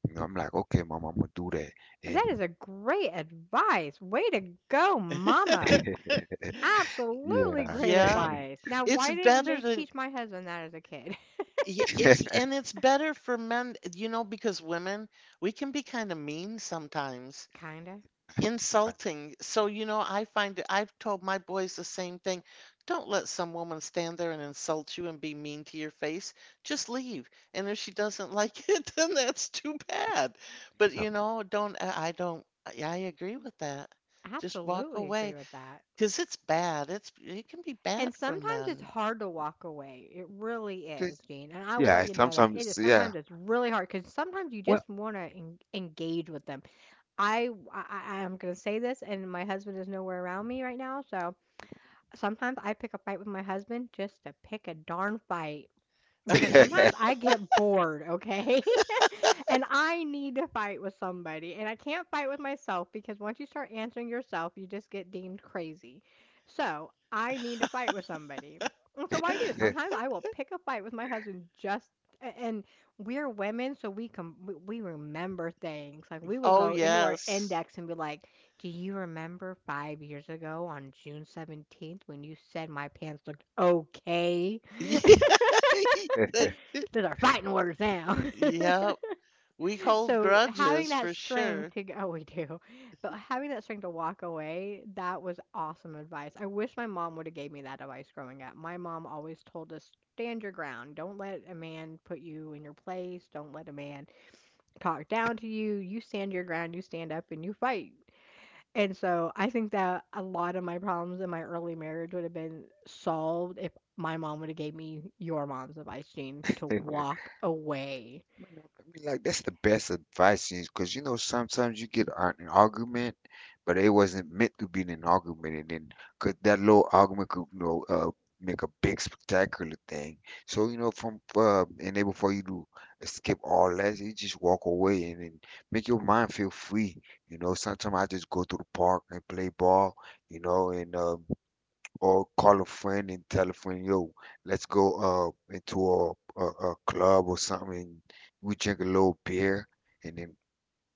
Speaker 3: And I'm like, okay, mom, I'm gonna do that.
Speaker 2: That
Speaker 3: And
Speaker 2: is a great advice. Way to go, mama. Absolutely
Speaker 3: yeah,
Speaker 2: great
Speaker 1: Yeah,
Speaker 2: advice. Now,
Speaker 1: it's
Speaker 2: why didn't
Speaker 1: better
Speaker 2: they
Speaker 1: than
Speaker 2: teach my husband that as a kid?
Speaker 1: yeah, it's and it's better for men, you know, because women, we can be kind of mean sometimes.
Speaker 2: Kinda.
Speaker 3: I-
Speaker 1: Insulting. So, you know, I've told my boys the same thing. Don't let some woman stand there and insult you and be mean to your face. Just leave. And if she doesn't like it, then that's too bad. But,
Speaker 3: so,
Speaker 1: you know, don't, I agree with that.
Speaker 2: I
Speaker 1: Just walk
Speaker 2: absolutely
Speaker 1: away
Speaker 2: agree with that.
Speaker 1: because it's bad. It's, it can be
Speaker 2: And
Speaker 1: bad for
Speaker 2: sometimes it's
Speaker 1: men.
Speaker 2: hard to walk away. It really is,
Speaker 3: just
Speaker 2: Gene. And I will let
Speaker 3: yeah.
Speaker 2: you know that it
Speaker 3: Sometimes
Speaker 2: is
Speaker 3: yeah.
Speaker 2: sometimes it's really hard because sometimes you
Speaker 3: Well,
Speaker 2: just want to engage with them. I'm gonna say this, and my husband is nowhere around me right now, so sometimes I pick a fight with my husband just to pick a darn fight because sometimes I get bored, okay? And I need to fight with somebody. And I can't fight with myself because once you start answering yourself, you just get deemed crazy. So I need to fight with somebody. And so what I do, sometimes I will pick a fight with my husband just and we're women so we remember things, like, we will
Speaker 1: Oh,
Speaker 2: go into our
Speaker 1: yes.
Speaker 2: index and be like, do you remember 5 years ago on June 17th when you said my pants looked okay?
Speaker 1: Yeah.
Speaker 2: Those are fighting words now.
Speaker 1: Yep. We hold
Speaker 2: So having
Speaker 1: grudges
Speaker 2: that
Speaker 1: for
Speaker 2: strength
Speaker 1: sure.
Speaker 2: to go, we do, but having that strength to walk away, that was awesome advice. I wish my mom would have gave me that advice growing up. My mom always told us stand your ground. Don't let a man put you in your place. Don't let a man talk down to you. You stand your ground. You stand up and you fight. And so I think that a lot of my problems in my early marriage would have been solved if my mom would have gave me your mom's advice, Jean, to walk away.
Speaker 3: I mean, like that's the best advice, because you know sometimes you get an argument, but it wasn't meant to be an argument, and then could that little argument could you know make a big spectacular thing. So you know from and then before you do skip all that, you just walk away and then make your mind feel free. You know, sometimes I just go to the park and play ball, you know, and or call a friend and tell a friend, yo, let's go into a club or something. We drink a little beer and then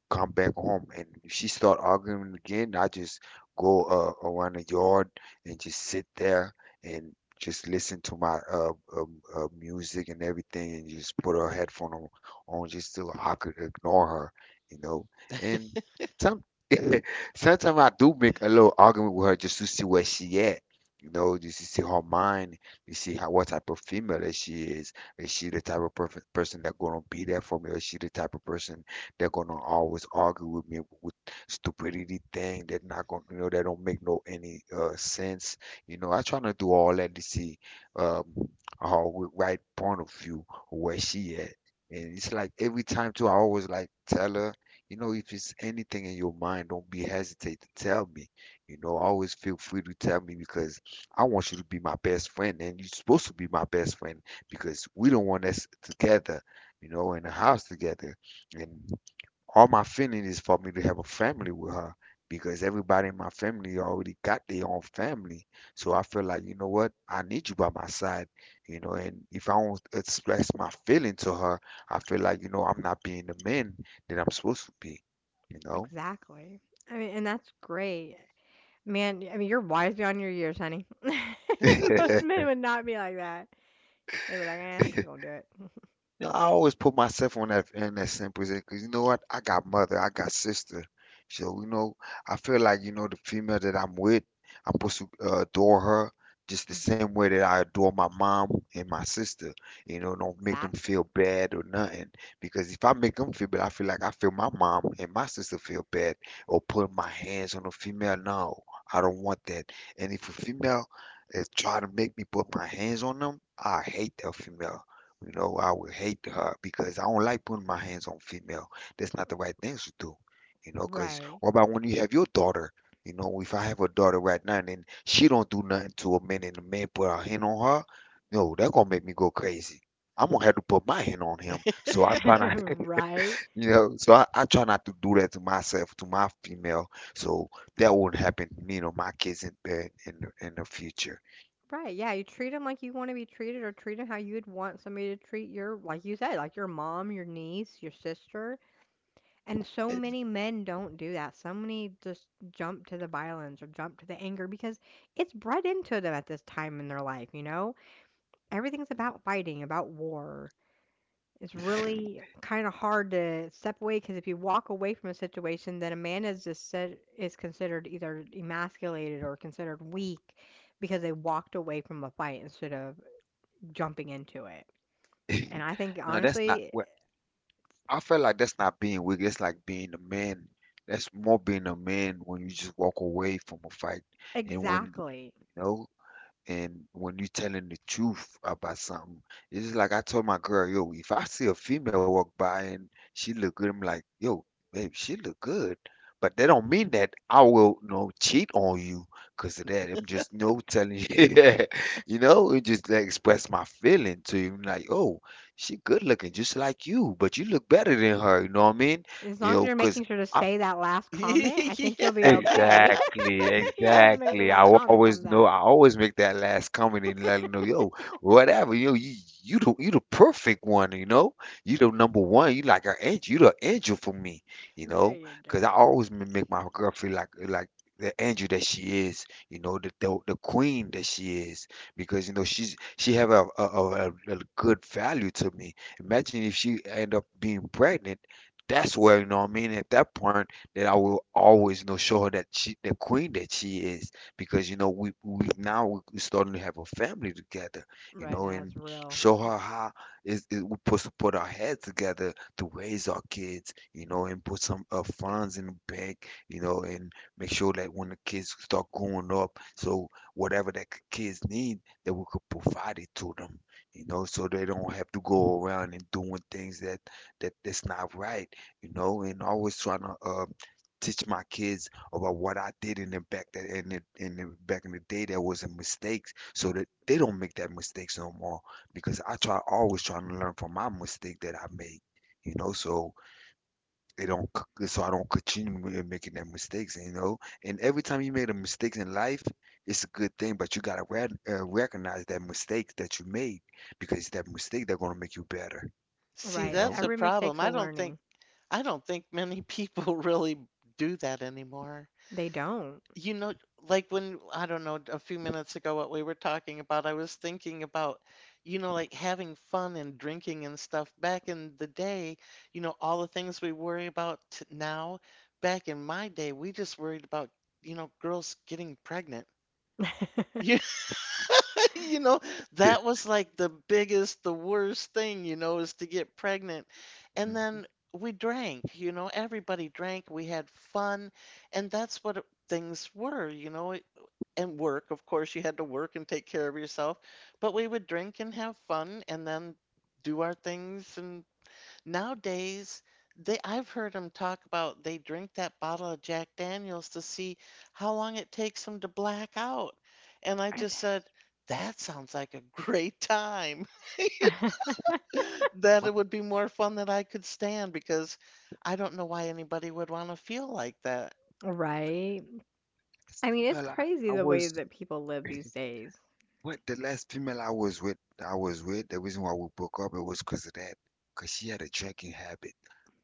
Speaker 3: come back home. And if she start arguing again, I just go around the yard and just sit there and just listen to my music and everything, and just put her headphone on just so I could ignore her, you know. And some sometimes I do make a little argument with her just to see where she at. You know, just to see her mind, to see how what type of female that she is. Is she the type of person that gonna be there for me? Or is she the type of person they're gonna always argue with me with stupidity thing. They're not gonna, you know, they don't make no any sense. You know, I try to do all that to see um her right point of view where she at. And it's like every time too, I always like tell her, you know, if it's anything in your mind, don't be hesitate to tell me. You know, always feel free to tell me because I want you to be my best friend, and you're supposed to be my best friend because we don't want us together, you know, in the house together. And all my feeling is for me to have a family with her because everybody in my family already got their own family. So I feel like, you know what? I need you by my side, you know, and if I don't express my feeling to her, I feel like, you know, I'm not being the man that I'm supposed to be, you
Speaker 2: Exactly. I mean, and that's great. Man, I mean, you're wise beyond your years, honey. Most
Speaker 3: know?
Speaker 2: men would not be like that. They would like, I'm just gonna do it.
Speaker 3: You know, I always put myself on that in that same position because you know what? I got mother, I got sister, so you know, I feel like you know the female that I'm with, I'm supposed to adore her just the same way that I adore my mom and my sister. You know, don't make them
Speaker 2: Exactly.
Speaker 3: feel bad or nothing because if I make them feel bad, I feel like I feel my mom and my sister feel bad or putting my hands on a female. No, I don't want that. And if a female is trying to make me put my hands on them, I hate that female. You know, I would hate her because I don't like putting my hands on female. That's not the right thing to do. You know, cause
Speaker 2: Right.
Speaker 3: what about when you have your daughter? You know, if I have a daughter right now and then she don't do nothing to a man and the man put a hand on her, no, that gonna make me go crazy. I'm gonna have to put my hand on him. So I try not,
Speaker 2: Right.
Speaker 3: you know, so I try not to do that to myself, to my female. So that won't happen to me, you know, my kids in the in the future.
Speaker 2: Right. Yeah, you treat them like you want to be treated or treat them how you'd want somebody to treat your, like you said, like your mom, your niece, your sister. And so
Speaker 3: And-
Speaker 2: many men don't do that. So many just jump to the violence or jump to the anger because it's bred into them at this time in their life, you know? Everything's about fighting, about war. It's really kind of hard to step away because if you walk away from a situation, then a man is just said, is considered either emasculated or considered weak because they walked away from a fight instead of jumping into it. And I think
Speaker 3: No, that's not
Speaker 2: honestly,
Speaker 3: what. I felt like that's not being weak. That's like being a man. That's more being a man when you just walk away from a fight. And when, you
Speaker 2: exactly.
Speaker 3: know, and when you telling the truth about something, it's just like I told my girl, yo, if I see a female walk by and she look good, I'm like, yo, babe, she look good. But that don't mean that I will no cheat on you because of that. I'm just no telling you, yeah, you know, it just like express my feeling to you. I'm like, oh, she good looking just like you, but you look better than her. You know what I mean?
Speaker 2: As
Speaker 3: You
Speaker 2: long as
Speaker 3: know,
Speaker 2: you're
Speaker 3: because
Speaker 2: making sure to say that last comment, I think you'll
Speaker 1: Yeah.
Speaker 2: be okay.
Speaker 3: exactly,
Speaker 2: Yeah, just make sure
Speaker 3: exactly. I
Speaker 2: that
Speaker 3: will
Speaker 2: comment
Speaker 3: always
Speaker 2: comes
Speaker 3: know.
Speaker 2: out.
Speaker 3: I always make that last comment and let 'em know, yo, whatever, yo, you the perfect one, you know. You the number one. You like an angel. You the angel for me, you
Speaker 2: There
Speaker 3: know.
Speaker 2: you
Speaker 3: Cause I
Speaker 2: go.
Speaker 3: always make my girl feel like the angel that she is, you know, the queen that she is. Because you know she have a good value to me. Imagine if she end up being pregnant. That's where you know what I mean. At that point that I will always know show her that she the queen that she is because you know we now we're starting to have a family together, you
Speaker 2: Right
Speaker 3: know,
Speaker 2: now,
Speaker 3: and
Speaker 2: it's real.
Speaker 3: show her how is we supposed to put our heads together to raise our kids, you know, and put some funds in the bank, you know, and make sure that when the kids start growing up, so whatever that kids need that we could provide it to them, you know, so they don't have to go around and doing things that that's not right, you know, and always trying to teach my kids about what I did in the back that in the back in the day that was a mistake so that they don't make that mistakes no more because I try always trying to learn from my mistake that I made, you know, so they don't c- so I don't continue making that mistakes, you know, and every time you make a mistake in life, it's a good thing, but you gotta recognize that mistake that you made because it's that mistake that's gonna make you better,
Speaker 1: See,
Speaker 3: you
Speaker 2: Right.
Speaker 3: know.
Speaker 1: that's a
Speaker 2: Every
Speaker 1: problem.
Speaker 2: mistake's a learning.
Speaker 1: I don't think many people really do that anymore.
Speaker 2: They don't.
Speaker 1: You know, like when I don't know, a few minutes ago what we were talking about, I was thinking about, you know, like having fun and drinking and stuff back in the day, you know, all the things we worry about t now, back in my day, we just worried about, you know, girls getting pregnant. You know, that was like the biggest, the worst thing, you know, is to get pregnant. And
Speaker 3: Mhm.
Speaker 1: then we drank, you know, everybody drank, we had fun, and things were, you know, and work. Of course, you had to work and take care of yourself, but we would drink and have fun and then do our things and nowadays, they I've heard them talk about they drink that bottle of Jack Daniel's to see how long it takes them to black out. And I just said, that sounds like a great time. That it
Speaker 3: Well,
Speaker 1: would be more fun than I could stand because I don't know why anybody would want to feel like that.
Speaker 2: Right?
Speaker 3: last
Speaker 2: I mean, it's
Speaker 3: female I,
Speaker 2: crazy
Speaker 3: I
Speaker 2: the way
Speaker 3: was
Speaker 2: that people live these days.
Speaker 3: with the last female I was with the reason why we broke up it was because of that because she had a drinking habit.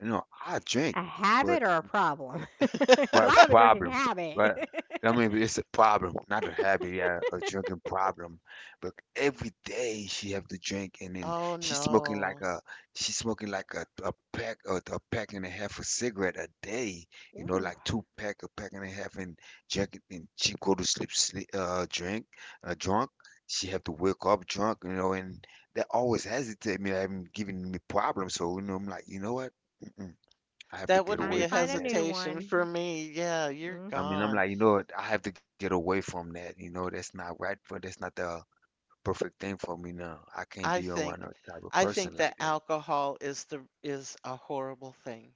Speaker 3: You know, I drink,
Speaker 2: A
Speaker 3: but
Speaker 2: habit or a problem? Because
Speaker 3: well,
Speaker 2: I have a drinking
Speaker 3: problem.
Speaker 2: habit.
Speaker 3: Right. I mean, it's a problem, not a habit, yeah, a drinking problem. But every day she have to drink, and then
Speaker 1: Oh
Speaker 3: she's smoking like
Speaker 1: no.
Speaker 3: a she's smoking like a pack a pack and a half of cigarette a day. You know,
Speaker 2: Ooh,
Speaker 3: like two pack, a pack and a half, and drink. It, and she go to sleep, drunk. She have to wake up drunk, you know, and that always hesitate me, having giving me problems. So you know, I'm like, you know what? Mm-mm, I have to
Speaker 1: That
Speaker 3: get
Speaker 1: wouldn't
Speaker 2: time
Speaker 1: be
Speaker 3: away
Speaker 2: to
Speaker 1: a
Speaker 2: find
Speaker 3: from
Speaker 2: a
Speaker 3: that.
Speaker 2: new
Speaker 1: hesitation
Speaker 2: one.
Speaker 1: for me. Yeah, you're
Speaker 2: Mhm.
Speaker 3: I mean, I'm
Speaker 1: gone.
Speaker 3: like, you know, I have to get away from that. You know, that's not right for that's not the perfect thing for me now. I can't be
Speaker 1: I
Speaker 3: around
Speaker 1: think
Speaker 3: that type of
Speaker 1: I
Speaker 3: person
Speaker 1: think
Speaker 3: like
Speaker 1: that
Speaker 3: that.
Speaker 1: alcohol is the is a horrible thing.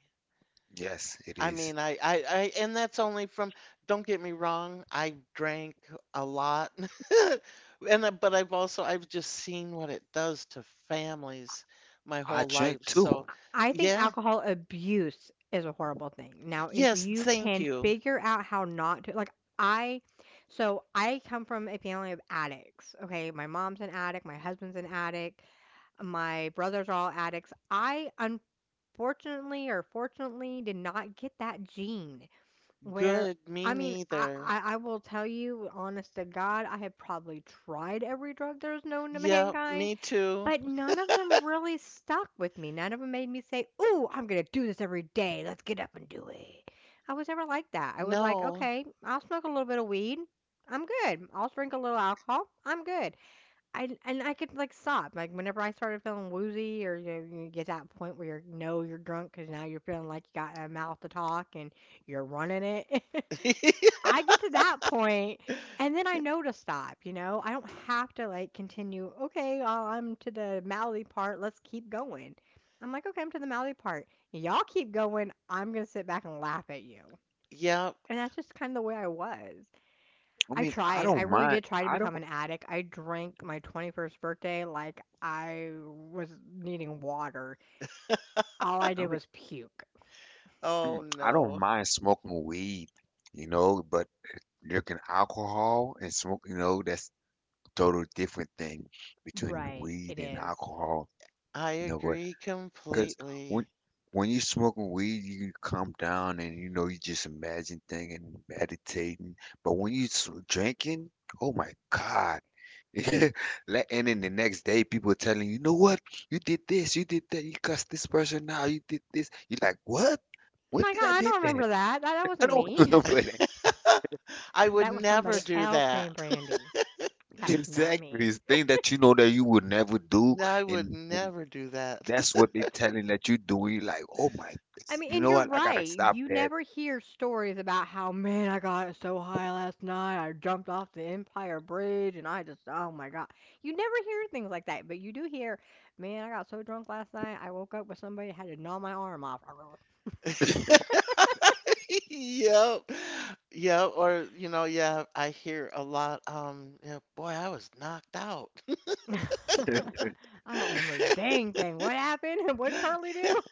Speaker 3: Yes, it
Speaker 1: I
Speaker 3: is.
Speaker 1: mean, and that's only from, don't get me wrong, I drank a lot. And but I've just seen what it does to families my
Speaker 3: I
Speaker 1: whole
Speaker 3: drink
Speaker 1: life.
Speaker 3: too.
Speaker 1: So,
Speaker 2: I think
Speaker 1: yeah.
Speaker 2: alcohol abuse is a horrible thing. Now, if
Speaker 1: Yes,
Speaker 2: you
Speaker 1: thank
Speaker 2: can
Speaker 1: you.
Speaker 2: figure out how not to, like, I, so I come from a family of addicts. Okay. My mom's an addict. My husband's an addict. My brothers are all addicts. I unfortunately or fortunately did not get that gene where
Speaker 1: Good, me
Speaker 2: I mean, I,
Speaker 1: neither.
Speaker 2: I, I will tell you, honest to God, I have probably tried every drug there's known to
Speaker 1: Yep,
Speaker 2: mankind,
Speaker 1: me too.
Speaker 2: but none of them really stuck with me. None of them made me say, ooh, I'm going to do this every day. Let's get up and do it. I was never like that. I was like,
Speaker 1: No.
Speaker 2: okay, I'll smoke a little bit of weed. I'm good. I'll drink a little alcohol. I'm good. I And I could like stop like whenever I started feeling woozy or you get that point where you know you're drunk because now you're feeling like you got a mouth to talk and you're running it. I get to that point and then I know to stop. You know, I don't have to like continue. Okay, well, I'm to the mouthy part. Let's keep going. I'm like, okay, I'm to the mouthy part. Y'all keep going. I'm gonna sit back and laugh at you.
Speaker 1: Yep.
Speaker 2: And that's just kind of the way I was.
Speaker 3: I
Speaker 2: I
Speaker 3: mean, I
Speaker 2: tried.
Speaker 1: Yeah.
Speaker 2: I
Speaker 3: don't
Speaker 2: really
Speaker 3: mind.
Speaker 2: did try to
Speaker 3: I don't.
Speaker 2: become an addict. I drank my 21st birthday like I was needing water. All I
Speaker 3: I
Speaker 2: did was puke.
Speaker 3: mm,
Speaker 1: Oh
Speaker 3: I don't
Speaker 1: no.
Speaker 3: mind smoking weed, you know, but drinking alcohol and smoke, you know, that's total different thing between
Speaker 2: Right,
Speaker 3: weed
Speaker 2: it
Speaker 3: and
Speaker 2: is.
Speaker 3: alcohol,
Speaker 1: I
Speaker 3: you know,
Speaker 1: agree
Speaker 3: because when
Speaker 1: completely.
Speaker 3: when you smoking weed, you calm down and you know you just imagine things and meditating. But when you drinking, oh my God. Like, and then the next day, people telling you, you know what? You did this, you did that, you cussed this person out, you did this. You're like, what? When
Speaker 2: My
Speaker 3: did
Speaker 2: God,
Speaker 3: I
Speaker 2: I
Speaker 3: did
Speaker 2: don't
Speaker 3: that?
Speaker 2: remember that. That
Speaker 3: I
Speaker 2: wasn't
Speaker 3: don't
Speaker 2: me.
Speaker 3: know for that.
Speaker 1: I would
Speaker 2: That was
Speaker 1: never
Speaker 2: somebody
Speaker 1: do
Speaker 2: else named
Speaker 1: that.
Speaker 2: Brandy. That was not
Speaker 3: Exactly.
Speaker 2: me.
Speaker 3: It's thing that you know that you would never do,
Speaker 1: I would
Speaker 3: and
Speaker 1: never do that.
Speaker 3: that's what they're telling that you do. You like, oh my
Speaker 2: I
Speaker 3: goodness,
Speaker 2: mean,
Speaker 3: you
Speaker 2: and
Speaker 3: know
Speaker 2: you're
Speaker 3: what? I gotta
Speaker 2: right.
Speaker 3: stop
Speaker 2: You
Speaker 3: that.
Speaker 2: never hear stories about how, man, I got so high last night. I jumped off the Empire Bridge and I just, oh my God. You never hear things like that, but you do hear, man, I got so drunk last night. I woke up with somebody that had to gnaw my arm off.
Speaker 1: Yep. Yep. Or, you know, yeah, I hear a lot, you know, boy, I was knocked out.
Speaker 2: I don't remember a dang thing. What happened? What would Charlie do?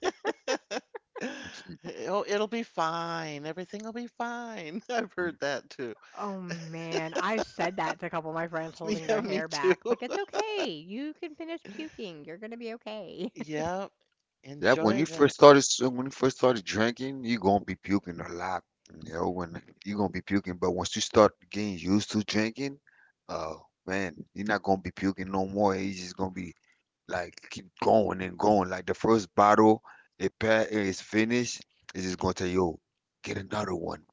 Speaker 1: Oh, it'll be fine. Everything will be fine. I've heard that too.
Speaker 2: Oh man, I said that to a couple of my friends holding
Speaker 1: Yeah,
Speaker 2: their
Speaker 1: me
Speaker 2: hair
Speaker 1: too.
Speaker 2: back. Like, it's okay. You can finish puking. You're going to be okay.
Speaker 1: Yep.
Speaker 3: Yeah, when
Speaker 1: Enjoy
Speaker 3: you first
Speaker 1: that.
Speaker 3: started, when you first started drinking, you gonna be puking a lot. You know, when you gonna be puking, but once you start getting used to drinking, oh man, you're not gonna be puking no more. It's just gonna be like keep going and going. Like the first bottle it is finished, it's just gonna tell you, "Yo, get another one,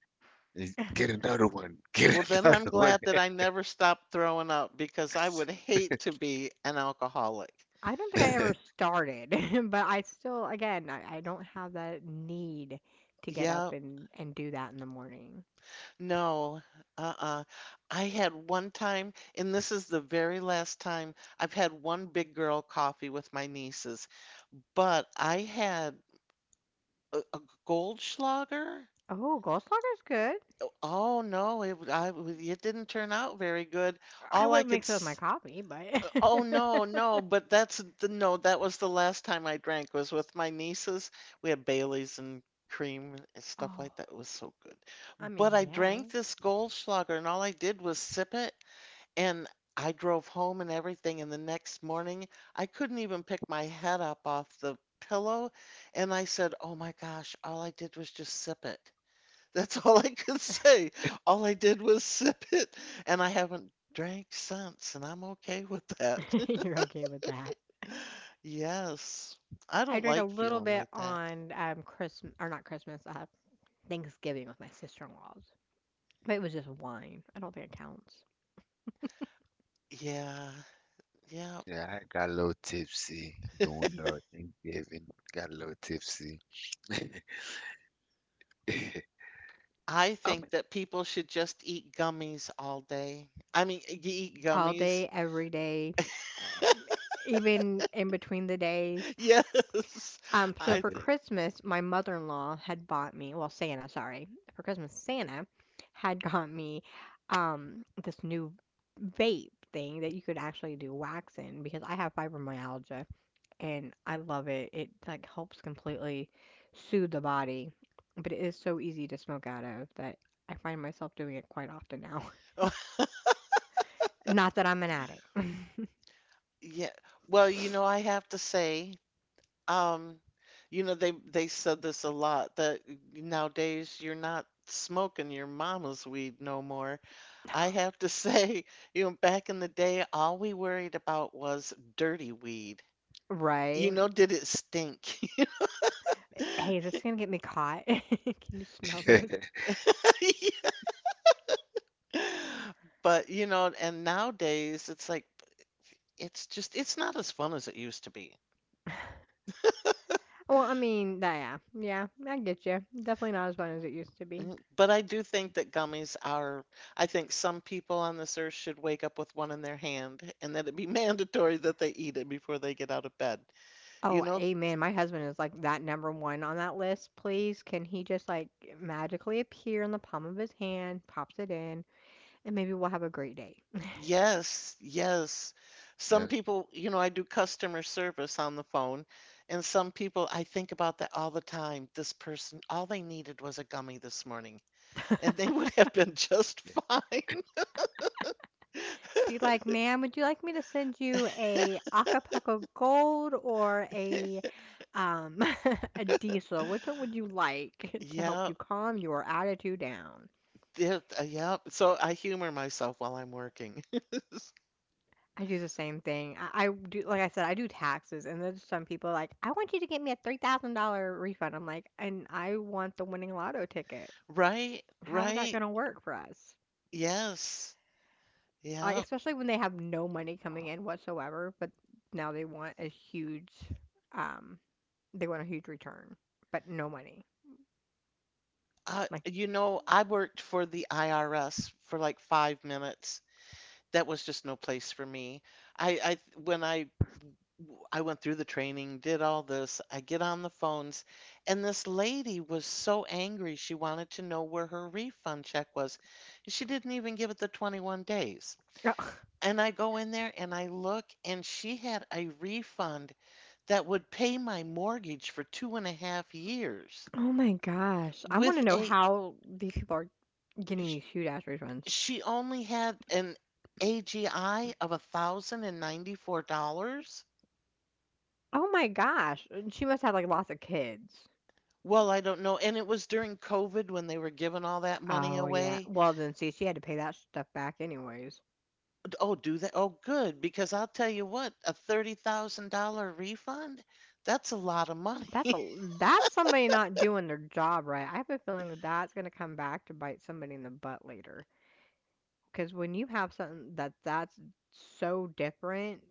Speaker 3: eh, get another one, get
Speaker 1: Well, then I'm
Speaker 3: another one."
Speaker 1: glad that I never stopped throwing up because I would hate to be an alcoholic.
Speaker 2: I don't think I ever started, but I still again, I don't have that need to get up
Speaker 1: Yeah,
Speaker 2: and do that in the morning.
Speaker 1: no, uh-uh. I had one time, and this is the very last time I've had one big girl coffee with my nieces, but I had a Goldschlager.
Speaker 2: Oh, Goldschlager's good.
Speaker 1: Oh no, it w- I w- it didn't turn out very good.
Speaker 2: I
Speaker 1: All I
Speaker 2: wouldn't
Speaker 1: could
Speaker 2: mix it with my
Speaker 1: s
Speaker 2: coffee, but
Speaker 1: Oh no, no, but that's the no, that was the last time I drank was with my nieces. We had Baileys and cream and stuff
Speaker 2: oh,
Speaker 1: like that. It was so good.
Speaker 2: I
Speaker 1: But
Speaker 2: mean,
Speaker 1: I
Speaker 2: yeah.
Speaker 1: drank this Goldschlager and all I did was sip it, and I drove home and everything, and the next morning I couldn't even pick my head up off the pillow. And I said, "Oh my gosh, all I did was just sip it." That's all I could say. All I did was sip it, and I haven't drank since, and I'm okay with that.
Speaker 2: You're okay with that.
Speaker 1: Yes. I
Speaker 2: I
Speaker 1: don't
Speaker 2: drink a
Speaker 1: like
Speaker 2: little
Speaker 1: feeling
Speaker 2: bit
Speaker 1: like that.
Speaker 2: on Christmas or not Christmas, Thanksgiving with my sister-in-laws. But it was just wine. I don't think it counts.
Speaker 1: Yeah, yeah.
Speaker 3: Yeah, I got a little tipsy doing our Thanksgiving. Got a little tipsy.
Speaker 1: I
Speaker 3: I mean,
Speaker 1: think that people should just eat gummies all day. I mean, eat
Speaker 2: All
Speaker 1: gummies.
Speaker 2: day, every day, um, even in between the days.
Speaker 1: Yes,
Speaker 2: So
Speaker 1: I
Speaker 2: for
Speaker 1: think.
Speaker 2: Christmas, my mother-in-law had bought me, well, Santa, sorry. For Christmas, Santa had got me this new vape thing that you could actually do wax in because I have fibromyalgia and I love it. It like helps completely soothe the body, but it is so easy to smoke out of that I find myself doing it quite often now.
Speaker 1: Oh,
Speaker 2: Not that I'm an addict,
Speaker 1: yeah. Well, I have to say, um, they said this a lot that nowadays you're not smoking your mama's weed no more. I have to say, back in the day, all we worried about was dirty weed.
Speaker 2: right?
Speaker 1: Did it stink?
Speaker 2: Hey, this is gonna get me caught? Can you smell
Speaker 3: yeah,
Speaker 2: this?
Speaker 1: But, and nowadays it's like, it's just, it's not as fun as it used to be.
Speaker 2: Well, I mean, tha yeah, yeah, I get you. Definitely not as fun as it used to be.
Speaker 1: But I do think that gummies are, I think some people on this earth should wake up with one in their hand and that it be mandatory that they eat it before they get out of bed. You
Speaker 2: Oh,
Speaker 1: know?
Speaker 2: amen. My husband is like that number one on that list. Please, can he just like magically appear in the palm of his hand, pops it in, and maybe we'll have a great day.
Speaker 1: Yes, yes. Some people, I do customer service on the phone, and some people, I think about that all the time. This person, all they needed was a gummy this morning, and they would have been just fine.
Speaker 2: Be like, ma'am, would you like me to send you a Acapulco Gold or a um a diesel? Which one would you like to help
Speaker 1: Yeah,
Speaker 2: you calm your attitude down?
Speaker 1: yeah, yeah. So I humor myself while I'm working.
Speaker 2: I do the same thing. I do, like I said, I do taxes, and there's some people like, I want you to get me a $3,000 refund. I'm like, and I want the winning lotto ticket.
Speaker 1: Right,
Speaker 2: How is that
Speaker 1: right.
Speaker 2: going to work for us?
Speaker 1: Yes.
Speaker 2: Like,
Speaker 1: Yeah.
Speaker 2: especially when they have no money coming in whatsoever, but now um, they want a huge return, but no money. Like,
Speaker 1: I worked for the IRS for like 5 minutes. That was just no place for me. I, I, when I went through the training, did all this, I get on the phones, and this lady was so angry. She wanted to know where her refund check was. She didn't even give it the 21 days.
Speaker 2: oh
Speaker 1: And I go in there and I look, and she had a refund that would pay my mortgage for two and a half years
Speaker 2: my gosh. I want
Speaker 1: with
Speaker 2: to know
Speaker 1: a
Speaker 2: how these people are getting
Speaker 1: sh-
Speaker 2: these huge ass refunds.
Speaker 1: she only had an AGI of $1,094.
Speaker 2: Oh my gosh. She must have like lots of kids.
Speaker 1: Well, I don't know. And it was during COVID when they were giving all that money
Speaker 2: Oh, yeah.
Speaker 1: away.
Speaker 2: Well, then see, she had to pay that stuff back anyways.
Speaker 1: Oh, do they? Oh, good, because I'll tell you what, a $30,000 refund, that's a lot of money.
Speaker 2: That's a that's somebody not doing their job right. I have a feeling that that's going to come back to bite somebody in the butt later. Because when you have something that's so different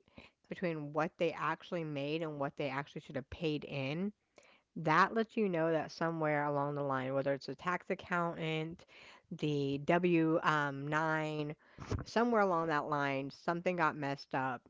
Speaker 2: between what they actually made and what they actually should have paid in, that lets you know that somewhere along the line, whether it's a tax accountant, the W 9, somewhere along that line, something got messed up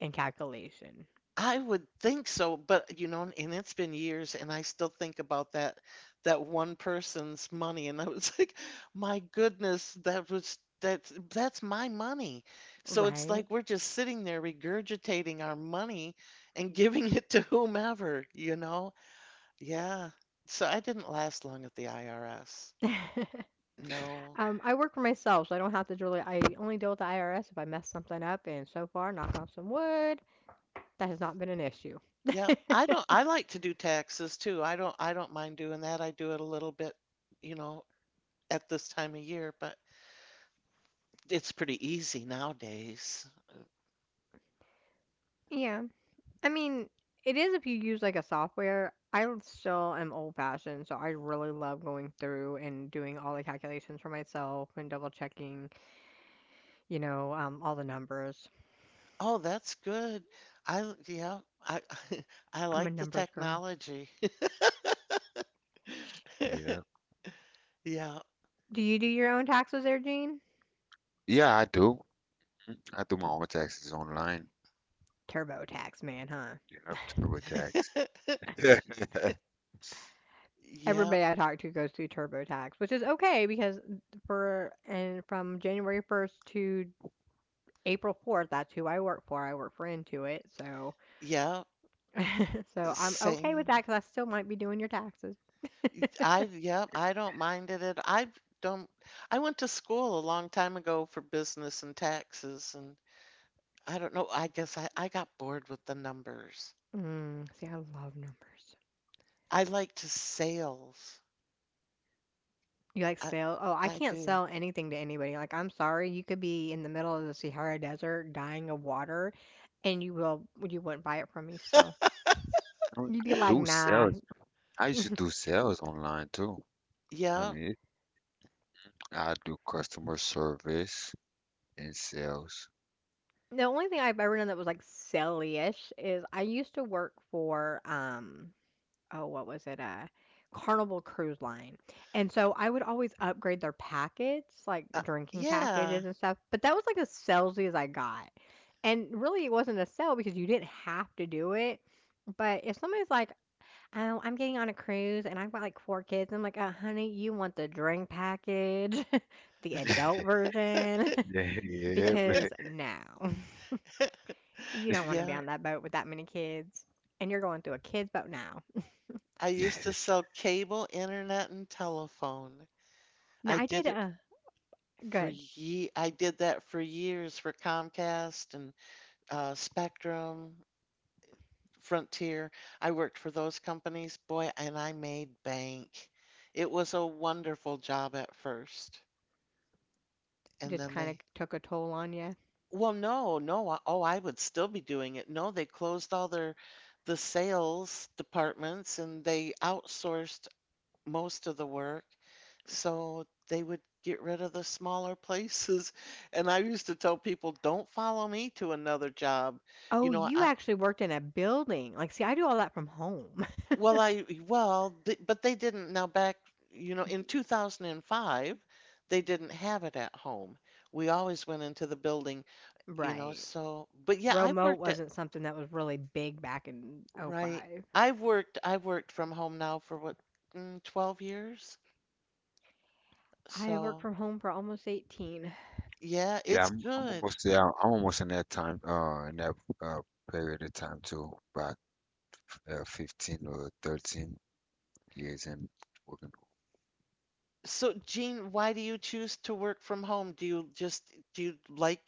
Speaker 2: in calculation.
Speaker 1: I would think so, but and it's been years, and I still think about that one person's money, and I was like, my goodness, that's my money. So it's
Speaker 2: Right.
Speaker 1: like we're just sitting there regurgitating our money and giving it to whomever, you know? Yeah. So I didn't last long at the IRS. No.
Speaker 2: I work for myself, so I don't have to really. I only deal with the IRS if I mess something up, and so far, knock on some wood, that has not been an issue.
Speaker 1: Yeah, I don't I like to do taxes too. I don't mind doing that. I do it a little bit, you know, at this time of year, but it's pretty easy nowadays.
Speaker 2: Yeah. I mean, it is if you use like a software. Still am old fashioned, so I really love going through and doing all the calculations for myself and double checking, all the numbers.
Speaker 1: Oh, that's good. I yeah, I, I
Speaker 2: I'm a
Speaker 1: like the
Speaker 2: numbers girl.
Speaker 1: technology.
Speaker 3: yeah,
Speaker 1: Yeah.
Speaker 2: Do you do your own taxes there, Gene?
Speaker 3: yeah. I do. I do my own taxes online.
Speaker 2: TurboTax man, huh?
Speaker 3: Yep, TurboTax. I
Speaker 1: Yeah,
Speaker 2: Everybody I talk to goes through TurboTax, which is okay because for and from January 1st to April 4th, that's who I work for. I work for Intuit, so
Speaker 1: yeah,
Speaker 2: so I'm okay with
Speaker 1: same.
Speaker 2: that because I still might be doing your taxes.
Speaker 1: Yeah, I don't mind it at, I don't, I went to school a long time ago for business and taxes, and I don't know, I guess I got bored with the numbers.
Speaker 2: Mm, see, I love numbers.
Speaker 1: I like to sales.
Speaker 2: You like
Speaker 1: I,
Speaker 2: sell? Oh, I
Speaker 1: I
Speaker 2: can't
Speaker 1: do.
Speaker 2: sell anything to anybody. Like, I'm sorry, you could be in the middle of the Sahara Desert, dying of water, and you wouldn't buy it from me still.
Speaker 3: mean,
Speaker 2: You'd be
Speaker 3: I
Speaker 2: like,
Speaker 3: do
Speaker 2: nah.
Speaker 3: sales. I used to do sales online too. I
Speaker 1: Yeah,
Speaker 3: mean, I do customer service and sales.
Speaker 2: The only thing I've ever done that was, like, silly-ish is I used to work for, oh, what was it? Carnival Cruise Line, and so I would always upgrade their packets, like,
Speaker 1: uh,
Speaker 2: drinking
Speaker 1: yeah.
Speaker 2: packages and stuff, but that was, like, as salesy as I got, and really it wasn't a sell because you didn't have to do it, but if somebody's like, "Oh, I'm getting on a cruise and I've got, like, 4 kids," I'm like, Honey, you want the drink package, the adult version,
Speaker 3: Yeah, yeah.
Speaker 2: because no." You don't wanna be
Speaker 1: Yeah,
Speaker 2: on that boat with that many kids, and you're going through a kids' boat now.
Speaker 1: I used to sell cable, internet, and telephone.
Speaker 2: Now
Speaker 1: I
Speaker 2: I did
Speaker 1: did it
Speaker 2: good.
Speaker 1: I did that for years for Comcast and Spectrum, Frontier. I worked for those companies, boy, and I made bank. It was a wonderful job at first. And
Speaker 2: Just
Speaker 1: then
Speaker 2: kinda
Speaker 1: they,
Speaker 2: took a toll on you.
Speaker 1: well, no, no, oh, I would still be doing it. No, they closed all the sales departments and they outsourced most of the work. So they would get rid of the smaller places. And I used to tell people, don't follow me to another job. You
Speaker 2: Oh,
Speaker 1: know,
Speaker 2: you
Speaker 1: I,
Speaker 2: actually worked in a building. Like, see, I do all that from home.
Speaker 1: well, well, th but they didn't. Now, back, in 2005, they didn't have it at home. We always went into the building,
Speaker 2: Right.
Speaker 1: so, but yeah,
Speaker 2: Remote wasn't something that was really big back in
Speaker 1: right.
Speaker 2: '05.
Speaker 1: I've worked from home now for what, 12 years.
Speaker 2: I worked
Speaker 1: So,
Speaker 2: from home for almost 18.
Speaker 1: yeah,
Speaker 3: Yeah.
Speaker 1: it's
Speaker 3: I'm
Speaker 1: good.
Speaker 3: almost there. I'm almost in that time. In that uh period of time too, about 15 or 13 years in working.
Speaker 1: So, Jean, why do you choose to work from home? Do you like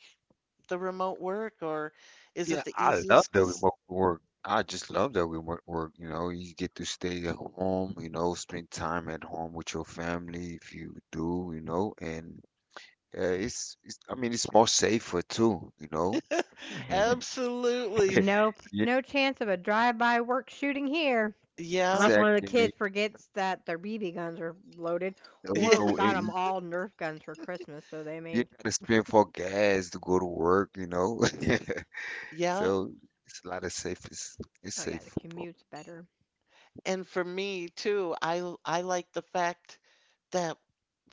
Speaker 1: the remote work or is
Speaker 3: Yeah,
Speaker 1: it the
Speaker 3: I love
Speaker 1: easiest?
Speaker 3: the
Speaker 1: 'Cause
Speaker 3: remote work. I just love the remote work. You know, you get to stay at home. You know, spend time at home with your family if you do. You know, and it's, it's. I mean, it's more safer too. You know. And
Speaker 1: absolutely.
Speaker 2: Nope,
Speaker 3: yeah,
Speaker 2: no chance of a drive-by work shooting here,
Speaker 1: Yeah.
Speaker 2: unless one of the
Speaker 3: exactly. And then,
Speaker 2: kids forgets that their BB guns are loaded,
Speaker 3: you
Speaker 1: Yeah.
Speaker 2: or we
Speaker 3: know,
Speaker 2: got them
Speaker 3: and
Speaker 2: all Nerf guns for Christmas, so they
Speaker 3: you
Speaker 2: may.
Speaker 3: gotta spend for gas to go to work, you know.
Speaker 1: Yeah.
Speaker 3: So it's a lot of safe. It's
Speaker 2: Oh yeah, the
Speaker 3: safe for.
Speaker 2: commute's better.
Speaker 1: And for me too, I like the fact that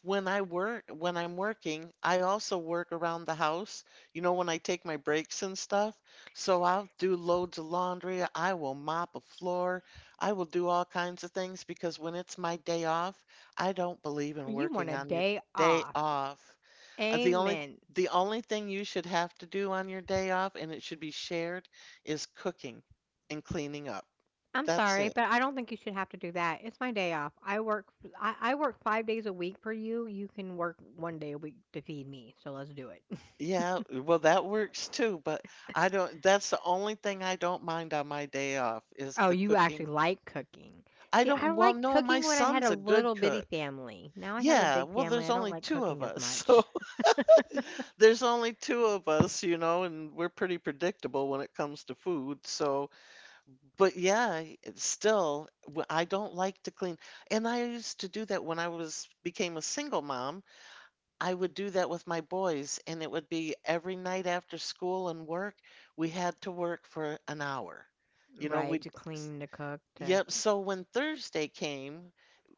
Speaker 1: When I work, when I'm working, I also work around the house, when I take my breaks and stuff. So I'll do loads of laundry. I will mop a floor. I will do all kinds of things because when it's my day off, I don't believe in
Speaker 2: You want
Speaker 1: working
Speaker 2: a
Speaker 1: on your
Speaker 2: day
Speaker 1: day
Speaker 2: off.
Speaker 1: off. Uh, The only
Speaker 2: Amen.
Speaker 1: the only thing you should have to do on your day off, and it should be shared, is cooking and cleaning up.
Speaker 2: I'm
Speaker 1: That's
Speaker 2: sorry,
Speaker 1: it.
Speaker 2: but I don't think you should have to do that. It's my day off. I work I work 5 days a week for you. You can work one day a week to feed me. So let's do it.
Speaker 1: Yeah, well, that works too, but I don't, that's the only thing I don't mind on my day off is
Speaker 2: Oh,
Speaker 1: the
Speaker 2: you actually
Speaker 1: cooking.
Speaker 2: like cooking.
Speaker 1: I
Speaker 2: See, I
Speaker 1: don't, well,
Speaker 2: liked
Speaker 1: no, my
Speaker 2: cooking when I had
Speaker 1: son's
Speaker 2: a
Speaker 1: a good
Speaker 2: little bitty
Speaker 1: cook.
Speaker 2: family. Now I have a
Speaker 1: Yeah,
Speaker 2: big
Speaker 1: well,
Speaker 2: family.
Speaker 1: there's
Speaker 2: I don't
Speaker 1: only
Speaker 2: like
Speaker 1: two of
Speaker 2: cooking as
Speaker 1: us.
Speaker 2: much.
Speaker 1: So there's only two of us, and we're pretty predictable when it comes to food. So, but yeah, it's still, I don't like to clean. And I used to do that when became a single mom. I would do that with my boys, and it would be every night after school and work, we had to work for an hour. You know,
Speaker 2: Right,
Speaker 1: we,
Speaker 2: to clean, to cook, to
Speaker 1: yep. So when Thursday came,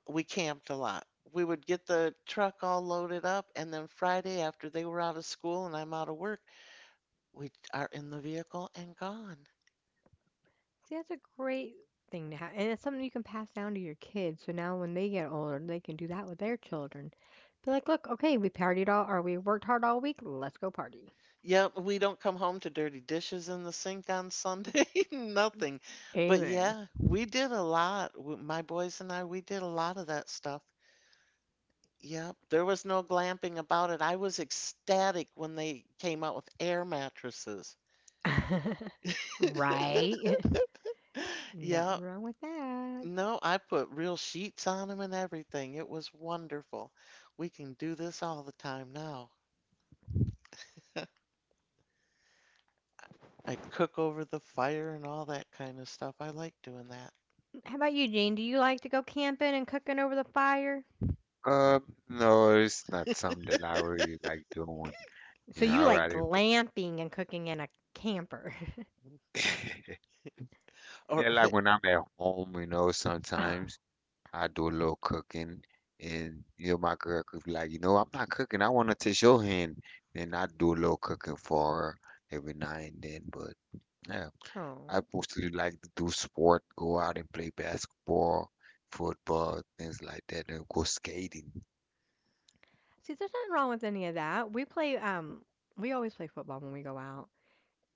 Speaker 1: we camped a lot. We would get the truck all loaded up, and then Friday, after they were out of school and I'm out of work, we are in the vehicle and gone.
Speaker 2: see, that's a great thing to have, and it's something you can pass down to your kids. So now when they get older, they can do that with their children. Be like, look, okay, we partied all, or we worked hard all week. Let's go party.
Speaker 1: Yep, we don't come home to dirty dishes in the sink on Sunday, nothing. But
Speaker 2: Amen.
Speaker 1: yeah, we did a lot. My boys and I, we did a lot of that stuff. Yep, there was no glamping about it. I was ecstatic when they came out with air mattresses.
Speaker 2: Right? Nothing
Speaker 1: Yep.
Speaker 2: wrong with that.
Speaker 1: No, I put real sheets on them and everything. It was wonderful. We can do this all the time now. I cook over the fire and all that kind of stuff. I like doing that.
Speaker 2: How about you, Jane? Do you like to go camping and cooking over the fire?
Speaker 3: No, it's not something that I really like doing. You
Speaker 2: So
Speaker 3: know,
Speaker 2: you
Speaker 3: I
Speaker 2: like
Speaker 3: rather go.
Speaker 2: glamping and cooking in a camper.
Speaker 1: Or,
Speaker 3: Yeah, like when I'm at home, you know,
Speaker 2: Oh,
Speaker 3: sometimes I do a little cooking, and you know, my girl could be like, you know, I'm not cooking. I want to taste your hand, and I do a little cooking for her every now and then. But yeah. I
Speaker 2: oh.
Speaker 3: mostly like to do sport, go out and play basketball, football, things like that, and go skating.
Speaker 2: See, there's nothing wrong with any of that. We play, we always play football when we go out.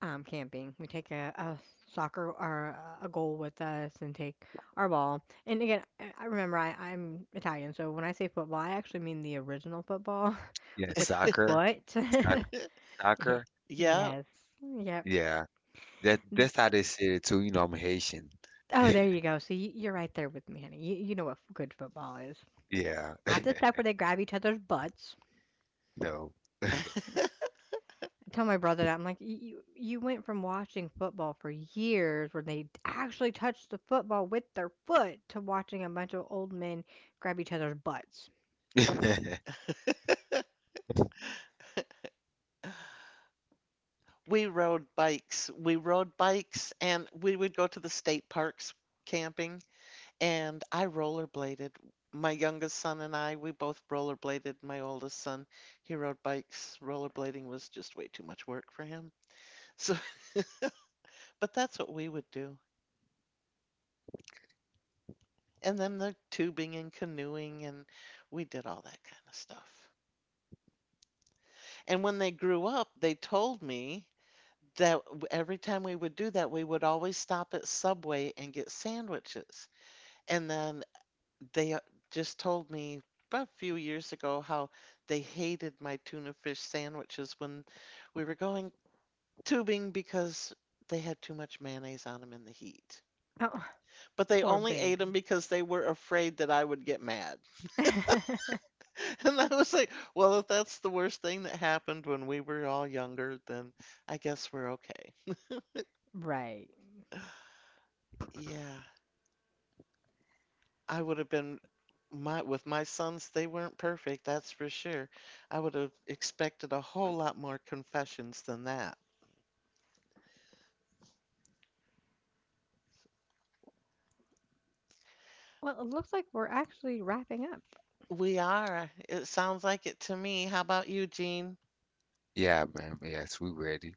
Speaker 2: Camping. We take a soccer or a goal with us and take our ball. And again, I remember I'm Italian, so when I say football, I actually mean the original football
Speaker 3: Yeah,
Speaker 2: with the
Speaker 3: soccer,
Speaker 2: foot.
Speaker 3: soc-
Speaker 2: Yeah.
Speaker 3: soccer.
Speaker 1: yeah,
Speaker 2: Yes. Yep.
Speaker 3: Yeah, that that's how they say it too. You know, I'm Haitian.
Speaker 2: Oh, there you go. See, you're right there with me, honey. You know what good football is.
Speaker 3: Yeah,
Speaker 2: Not the stuff where they grab each other's butts.
Speaker 3: no.
Speaker 2: I tell my brother that I'm like, "You went from watching football for years where they actually touched the football with their foot to watching a bunch of old men grab each other's butts.
Speaker 1: we rode bikes. We rode bikes and we would go to the state parks camping, and I rollerbladed. My youngest son and I, we both rollerbladed. My oldest son, he rode bikes. Rollerblading was just way too much work for him. So, but that's what we would do. And then the tubing and canoeing, and we did all that kind of stuff. And when they grew up, they told me that every time we would do that, we would always stop at Subway and get sandwiches. And then they just told me about a few years ago how they hated my tuna fish sandwiches when we were going tubing because they had too much mayonnaise on them in the heat.
Speaker 2: Oh,
Speaker 1: But they
Speaker 2: poor
Speaker 1: only ate them
Speaker 2: baby.
Speaker 1: because they were afraid that I would get mad. And I was like, well, if that's the worst thing that happened when we were all younger, then I guess we're okay.
Speaker 2: Right.
Speaker 1: Yeah. I would have been. My with my sons, they weren't perfect, that's for sure. I would have expected a whole lot more confessions than that.
Speaker 2: Well, it looks like we're actually wrapping up.
Speaker 1: We are. It sounds like it to me. How about you, Jean?
Speaker 3: Yeah, ma'am. Yes, we ready.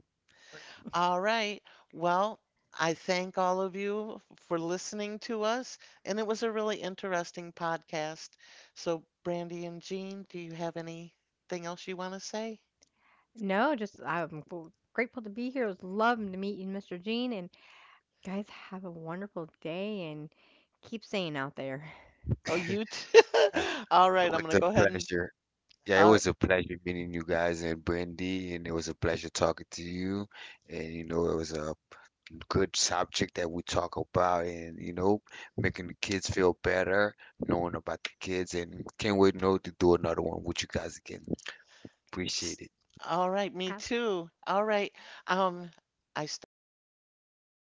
Speaker 3: We
Speaker 1: All right. Well, I thank all of you for listening to us, and it was a really interesting podcast. So, Brandy and Jean, do you have anything else you want to say?
Speaker 2: No, just I'm grateful to be here. It was lovely to meet you, Mr. Gene. And guys, have a wonderful day and keep staying out there.
Speaker 1: Oh,
Speaker 3: ready.
Speaker 1: you too. All
Speaker 3: Yeah, it
Speaker 1: right, I'm
Speaker 3: was
Speaker 1: going to
Speaker 3: a
Speaker 1: go ahead and
Speaker 3: pleasure. Yeah, it
Speaker 1: all right.
Speaker 3: was a pleasure meeting you guys and Brandy, and it was a pleasure talking to you. And you know, it was a good subject that we talk about, and you know, making the kids feel better, knowing about the kids, and can't wait no to do another one with you guys again.
Speaker 1: Psst.
Speaker 3: Appreciate it.
Speaker 1: All right, me
Speaker 2: Absolutely.
Speaker 1: too. All right. Um, I stopped it.